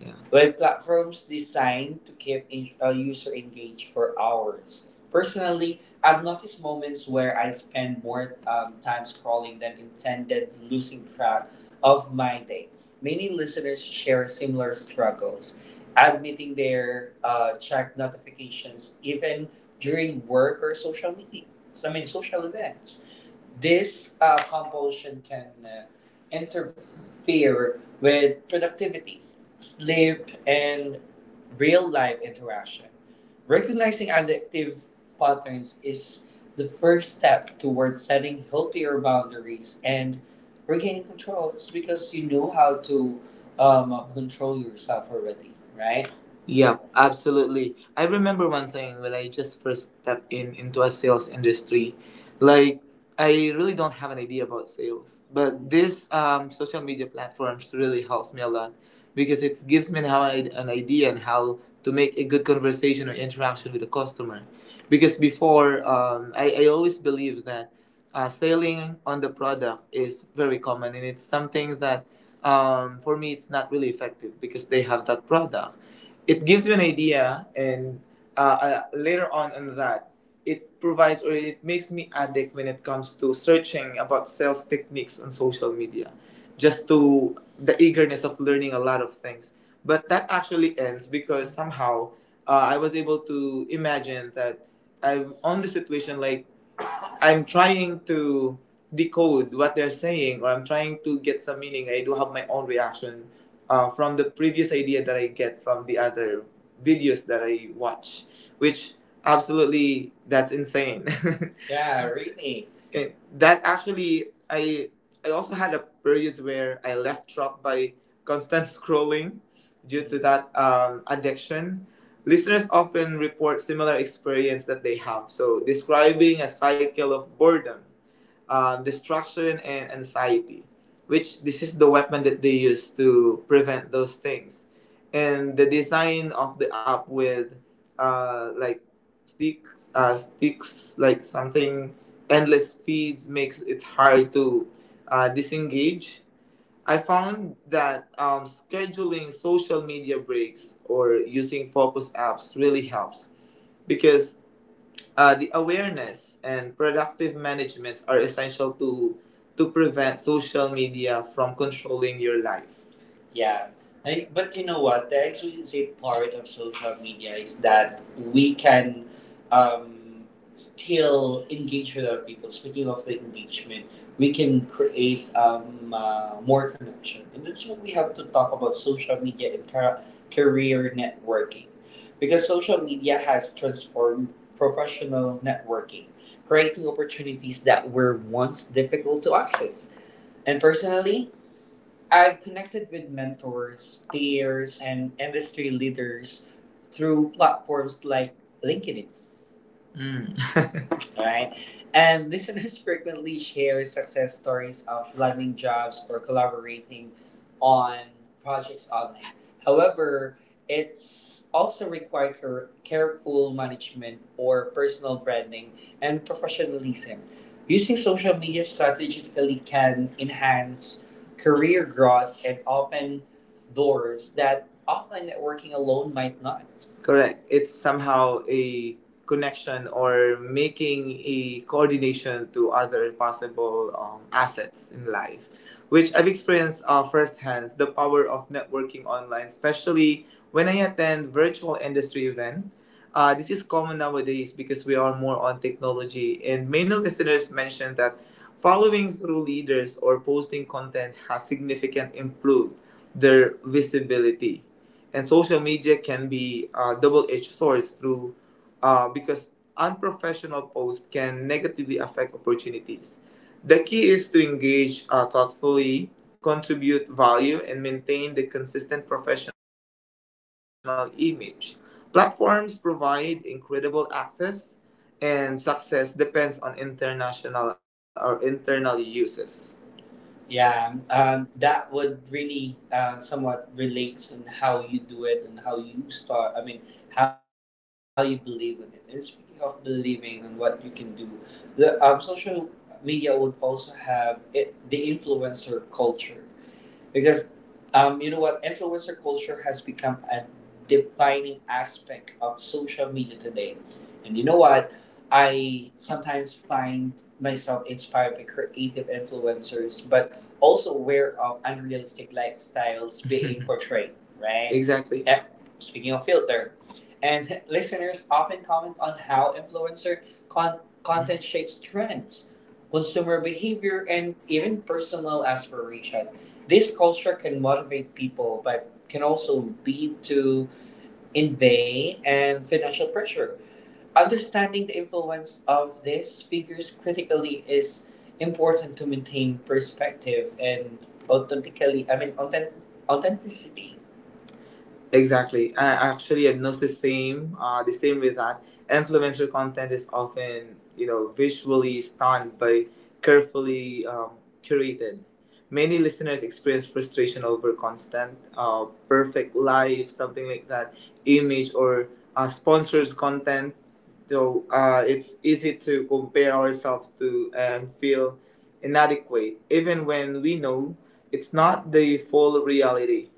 Speaker 2: Yeah. Web platforms designed to keep a user engaged for hours. Personally, I've noticed moments where I spend more time scrolling than intended, losing track of my day. Many listeners share similar struggles, admitting their, check notifications even during work or social media. I mean, social events. This compulsion can interfere with productivity, sleep, and real life interaction. Recognizing addictive patterns is the first step towards setting healthier boundaries and regaining control. It's because you know how to control yourself already, right? Yeah, absolutely. I remember one thing when I just first stepped in into a sales industry. Like, I really don't have an idea about sales, but this social media platforms really helps me a lot because it gives me how I, an idea and how to make a good conversation or interaction with a customer. Because before, I always believe that selling on the product is very common, and it's something that for me it's not really effective because they have that product. It gives me an idea, and later on in that, it provides or it makes me addict when it comes to searching about sales techniques on social media just to the eagerness of learning a lot of things, but that actually ends because somehow I was able to imagine that I'm on the situation like, I'm trying to decode what they're saying or I'm trying to get some meaning. I do have my own reaction from the previous idea that I get from the other videos that I watch, which, absolutely, that's insane. Yeah, read me. And that actually I also had a period where I left trapped by constant scrolling due to that addiction. Listeners often report similar experience that they have. So describing a cycle of boredom, distraction, and anxiety, which this is the weapon that they use to prevent those things. And the design of the app with like sticks, sticks like something, endless feeds, makes it hard to disengage. I found that scheduling social media breaks or using focus apps really helps, because the awareness and productive management are essential to prevent social media from controlling your life. Yeah. I, but you know what? The exclusive part of social media is that we can um, still engage with other people. Speaking of the engagement, we can create more connection. And that's what we have to talk about, social media and career networking. Because social media has transformed professional networking, creating opportunities that were once difficult to access. And personally, I've connected with mentors, peers, and industry leaders through platforms like LinkedIn. Mm. Right? And listeners frequently share success stories of landing jobs or collaborating on projects online. However, it's also require careful management or personal branding and professionalism. Using social media strategically can enhance career growth and open doors that offline networking alone might not. Correct. It's somehow a connection or making a coordination to other possible assets in life, which I've experienced firsthand the power of networking online, especially when I attend virtual industry event. This is common nowadays because we are more on technology, and many listeners mentioned that following through leaders or posting content has significantly improved their visibility. And social media can be a double-edged sword through, because unprofessional posts can negatively affect opportunities. The key is to engage thoughtfully, contribute value, and maintain the consistent professional image. Platforms provide incredible access, and success depends on international or internal uses. Yeah, that would really somewhat relates in how you do it and how you start. I mean, how you believe in it. And speaking of believing and what you can do, the, social media would also have it, the influencer culture, because, you know what, influencer culture has become a defining aspect of social media today. And you know what, I sometimes find myself inspired by creative influencers, but also aware of unrealistic lifestyles being portrayed. Right, exactly. Eh, speaking of filter, and listeners often comment on how influencer con- content shapes trends, consumer behavior, and even personal aspiration. This culture can motivate people, but can also lead to envy and financial pressure. Understanding the influence of these figures critically is important to maintain perspective and authentically, I mean, authenticity. Exactly. I actually have noticed the same. The same with that. Influencer content is often, you know, visually stunned by carefully curated. Many listeners experience frustration over constant, perfect life, something like that, image or sponsors content. So it's easy to compare ourselves to and feel inadequate, even when we know it's not the full reality.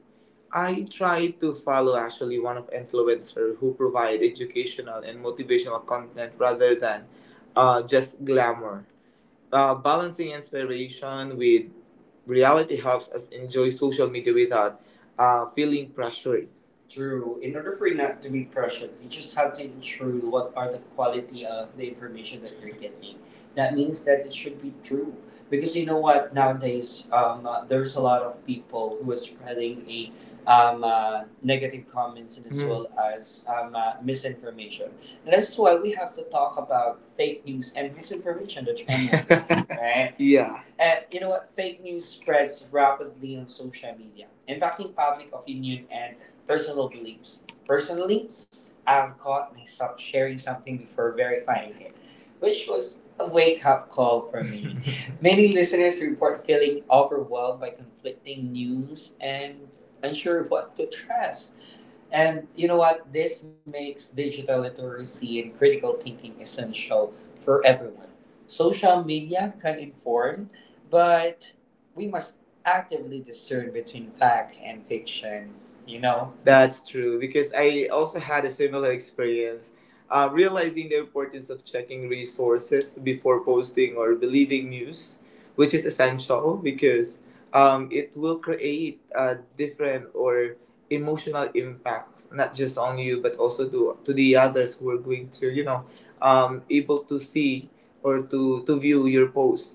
Speaker 2: I try to follow actually one of influencers who provide educational and motivational content rather than just glamour. Balancing inspiration with reality helps us enjoy social media without feeling pressured. True. In order for you not to be pressured, you just have to ensure what are the quality of the information that you're getting. That means that it should be true. Because you know what, nowadays there's a lot of people who are spreading a, negative comments, and as, hmm, well as, misinformation. And that's why we have to talk about fake news and misinformation that's online, right? Yeah. And you know what? Fake news spreads rapidly on social media, impacting public opinion and personal beliefs. Personally, I've caught myself sharing something before verifying it, which was a wake up call for me. Many listeners report feeling overwhelmed by conflicting news and unsure what to trust. And you know what? This makes digital literacy and critical thinking essential for everyone. Social media can inform, but we must actively discern between fact and fiction, you know? That's true, because I also had a similar experience. Realizing the importance of checking resources before posting or believing news, which is essential because it will create a different or emotional impacts not just on you but also to the others who are going to able to see or to view your post.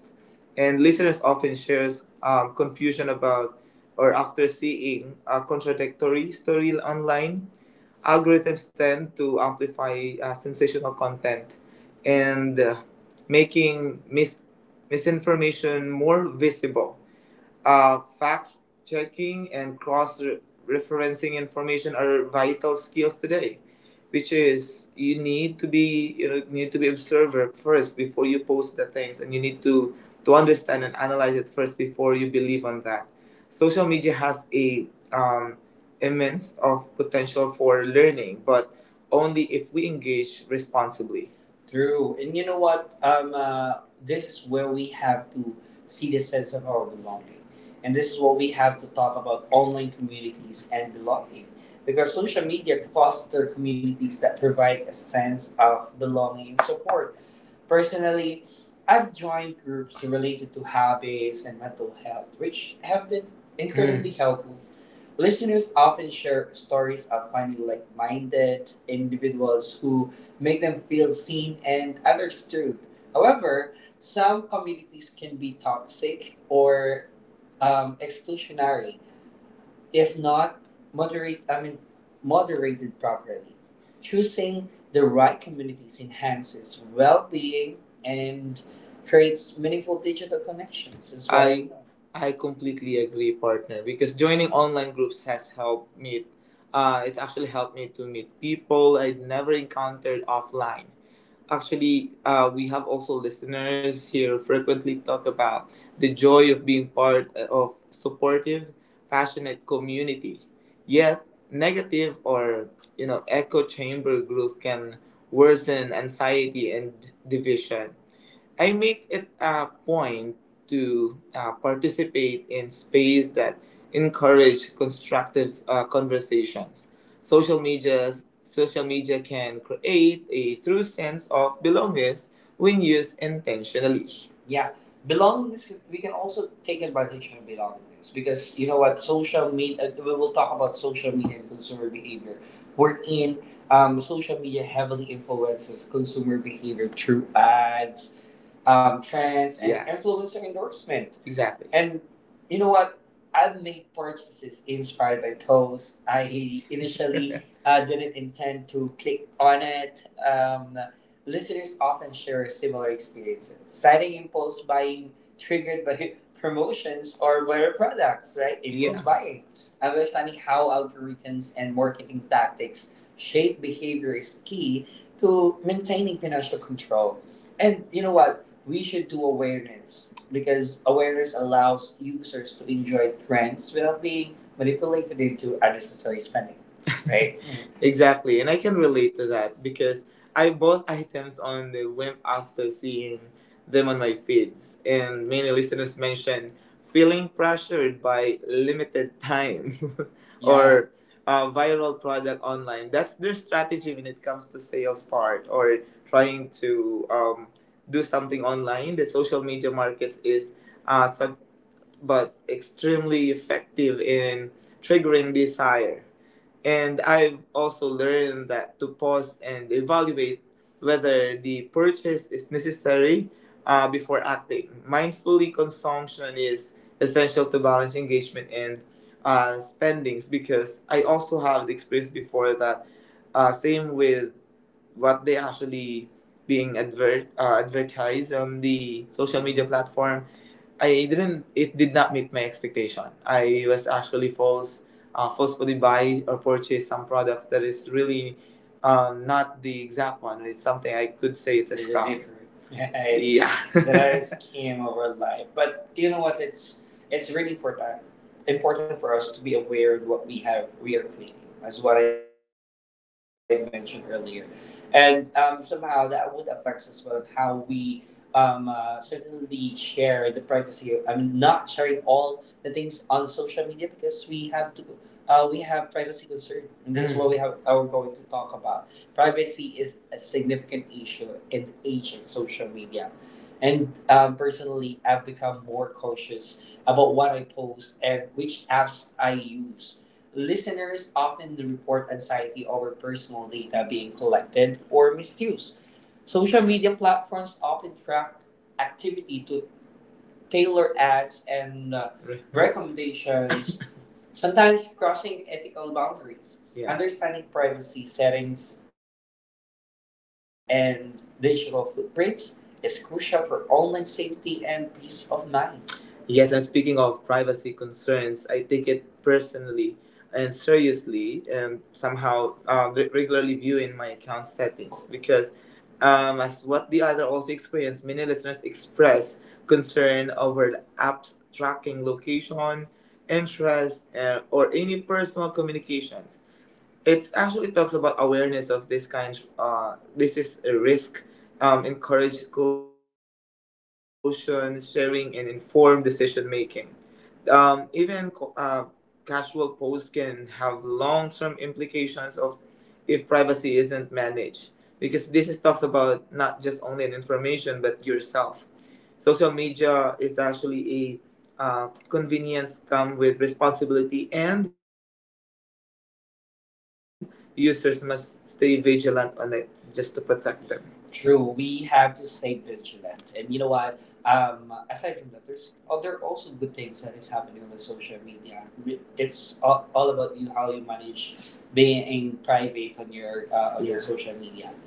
Speaker 2: And listeners often shares confusion about or after seeing a contradictory story online. Algorithms tend to amplify sensational content, and making misinformation more visible. Fact checking and cross referencing information are vital skills today, which is you need to be, need to be observer first before you post the things, and you need to understand and analyze it first before you believe on that. Social media has a immense of potential for learning, but only if we engage responsibly. True, and you know what? This is where we have to see the sense of our belonging. And this is what we have to talk about: online communities and belonging. Because social media foster communities that provide a sense of belonging and support. Personally, I've joined groups related to hobbies and mental health, which have been incredibly helpful. Listeners often share stories of finding like minded individuals who make them feel seen and understood. However, some communities can be toxic or exclusionary, if not moderate i mean moderated properly. Choosing the right communities enhances well-being and creates meaningful digital connections as well. I completely agree, partner. Because joining online groups has helped me. It actually helped me to meet people I'd never encountered offline. Actually, we have also listeners here frequently talk about the joy of being part of supportive passionate community, yet negative or, you know, echo chamber group can worsen anxiety and division. I make it a point to participate in space that encourage constructive conversations. Social media, social media can create a true sense of belongingness when used intentionally. Yeah, belongingness. We can also take advantage of belongingness, because you know what? Social media. We will talk about social media and consumer behavior. We Wherein social media heavily influences consumer behavior through ads, trends and, yes, influencer endorsement. Exactly. And you know what? I've made purchases inspired by posts I initially didn't intend to click on. It. Listeners often share similar experiences, citing impulse buying triggered by promotions or viral products, right? Impulse, yeah, buying. Understanding how algorithms and marketing tactics shape behavior is key to maintaining financial control. And you know what? We should do awareness, because awareness allows users to enjoy trends without being manipulated into unnecessary spending, right? Exactly, and I can relate to that because I bought items on the whim after seeing them on my feeds, and many listeners mentioned feeling pressured by limited time, yeah, or a viral product online. That's their strategy when it comes to sales part, or trying to do something online. The social media markets is uh, sub- but extremely effective in triggering desire. And I've also learned that to pause and evaluate whether the purchase is necessary before acting. Mindfully consumption is essential to balance engagement and spendings, because I also have the experience before that same with what they actually being advertised on the social media platform. I didn't. It did not meet my expectation. I was actually forced, forcefully buy or purchase some products that is really not the exact one. It's something I could say it's a, there's scam, different. Right. Yeah. So that is scam over life. But you know what? It's really important for us to be aware of what we have, we are cleaning, as what I mentioned earlier, and somehow that would affect us well on how we certainly share the privacy. I am not sharing all the things on social media, because we have to. We have privacy concern, and this is what we have. Are going to talk about. Privacy is a significant issue in the age of social media, and personally, I've become more cautious about what I post and which apps I use. Listeners often report anxiety over personal data being collected or misused. Social media platforms often track activity to tailor ads and recommendations, sometimes crossing ethical boundaries. Yeah. Understanding privacy settings and digital footprints is crucial for online safety and peace of mind. Yes, and speaking of privacy concerns, I take it personally and seriously, and somehow regularly viewing my account settings because as what the other also experienced, many listeners express concern over apps tracking location, interest, or any personal communications. It actually talks about awareness of this kind. This is a risk. Encourage caution, sharing, and informed decision making. Even casual posts can have long-term implications of if privacy isn't managed, because this is talks about not just only an information but yourself. Social media is actually a convenience come with responsibility, and users must stay vigilant on it just to protect them. True, we have to stay vigilant. And you know what? Aside from that, there's, oh, there are also good things that is happening on the social media. It's all about you, how you manage being private on your on your, yeah, social media.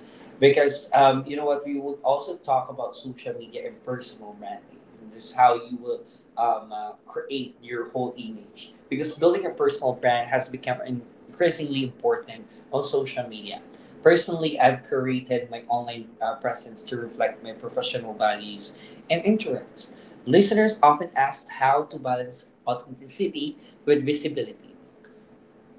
Speaker 2: Because you know what, we would also talk about social media and personal branding. This is how you will create your whole image, because building a personal brand has become increasingly important on social media. Personally, I've created my online presence to reflect my professional values and interests. Listeners often ask how to balance authenticity with visibility.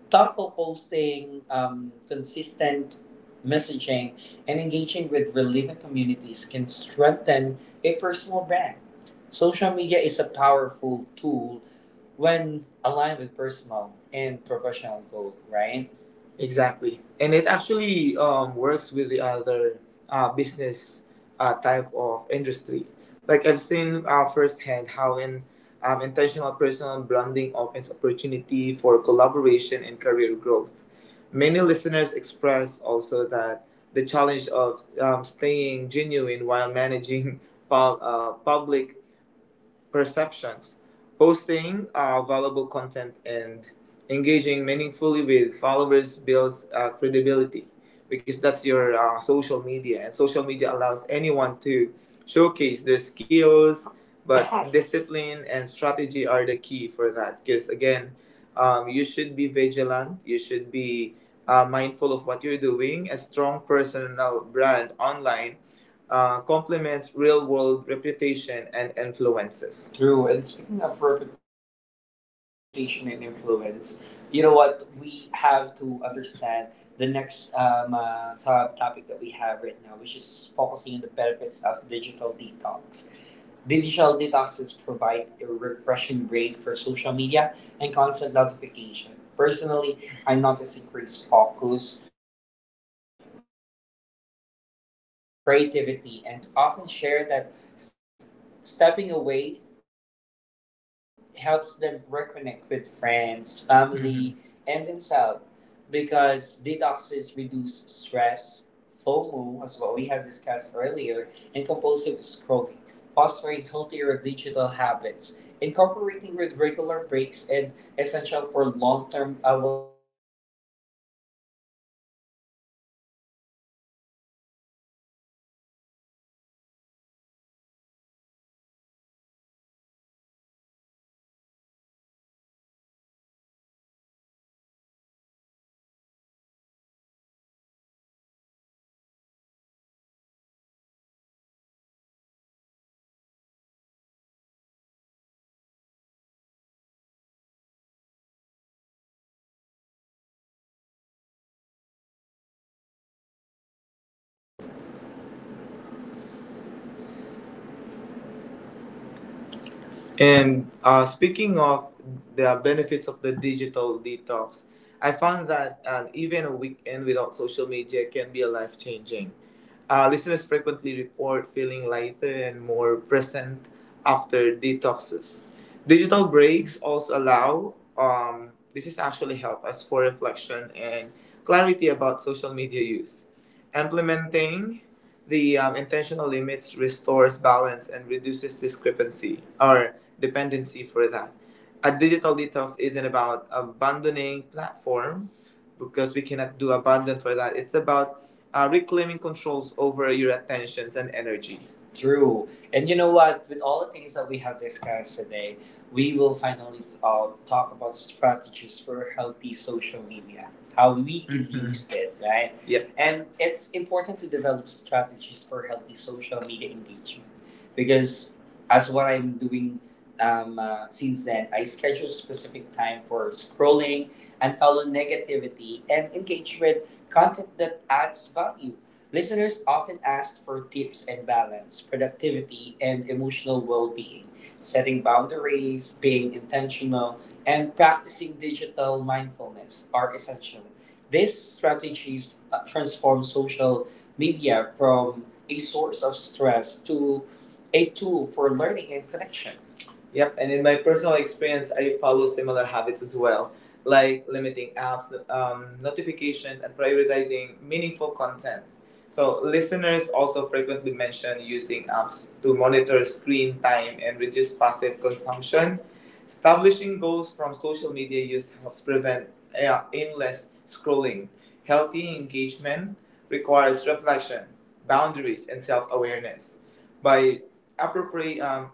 Speaker 2: Thoughtful posting, consistent messaging, and engaging with relevant communities can strengthen a personal brand. Social media is a powerful tool when aligned with personal and professional goal, right? Exactly, and it actually works with the other business type of industry. Like I've seen firsthand how an intentional personal branding opens opportunity for collaboration and career growth. Many listeners express also that the challenge of staying genuine while managing public perceptions. Posting valuable content and engaging meaningfully with followers builds credibility, because that's your social media, and social media allows anyone to showcase their skills. But discipline and strategy are the key for that, because again, you should be vigilant. You should be mindful of what you're doing. A strong personal brand online complements real world reputation and influences. True. And speaking of reputation and influence, you know what? We have to understand the next sub topic that we have right now, which is focusing on the benefits of digital detox. Digital detoxes provide a refreshing break for social media and constant notification. Personally, I notice increased focus, creativity, and calm after even a short detox. Listeners often share that stepping away helps them reconnect with friends, family, and themselves, because detoxes reduce stress, FOMO, as what we have discussed earlier, and compulsive scrolling, fostering healthier digital habits, incorporating with regular breaks, and essential for long term.
Speaker 3: And speaking of the benefits of the digital detox, I found that even a weekend without social media can be a life changing. Listeners frequently report feeling lighter and more present after detoxes. Digital breaks also allow, this is actually help us for reflection and clarity about social media use. Implementing the intentional limits restores balance and reduces discrepancy or dependency for that. A digital detox isn't about abandoning platform because we cannot do abandon for that. It's about reclaiming controls over your attentions and energy. True. And you know what? With all the things that we have discussed today, we will finally talk about strategies for healthy social media, how we can use it, right? Yep. And it's important to develop strategies for healthy social media engagement because, as what I'm doing since then, I schedule specific time for scrolling and follow negativity and engage with content that adds value. Listeners often ask for tips and balance, productivity, and emotional well being, setting boundaries, being intentional, and practicing digital mindfulness are essential. These strategies transform social media from a source of stress to a tool for learning and connection. Yep, and in my personal experience, I follow similar habits as well like limiting apps, notifications, and prioritizing meaningful content. So, listeners also frequently mention using apps to monitor screen time and reduce passive consumption. Establishing goals from social media use helps prevent aimless scrolling. Healthy engagement requires reflection, boundaries, and self awareness. By appropriate, um,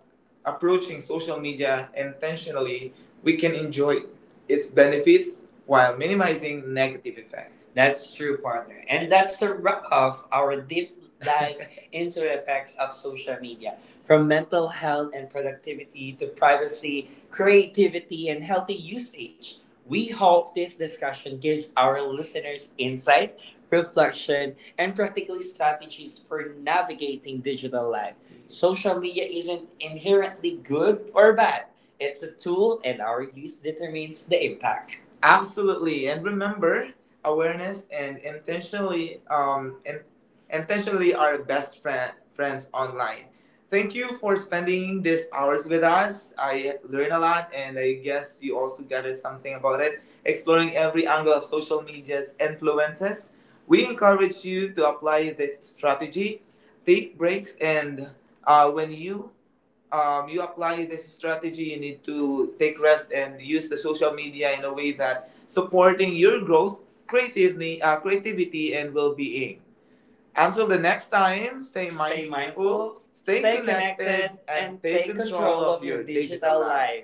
Speaker 3: approaching social media intentionally, we can enjoy its benefits while minimizing negative effects. That's true, partner. And that's the wrap of our deep dive into the effects of social media. From mental health and productivity to privacy, creativity, and healthy usage. We hope this discussion gives our listeners insight, reflection, and practical strategies for navigating digital life. Social media isn't inherently good or bad. It's a tool, and our use determines the impact. Absolutely, and remember, awareness and intentionally are best friend, friends online. Thank you for spending these hours with us. I learned a lot, and I guess you also gathered something about it. Exploring every angle of social media's influences, we encourage you to apply this strategy. Take breaks, and when you apply this strategy, you need to take rest and use the social media in a way that supporting your growth, creativity, and well-being. Until the next time, stay mindful, stay, connected, and take control of your digital life.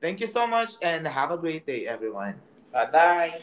Speaker 3: Thank you so much, and have a great day, everyone. Bye bye.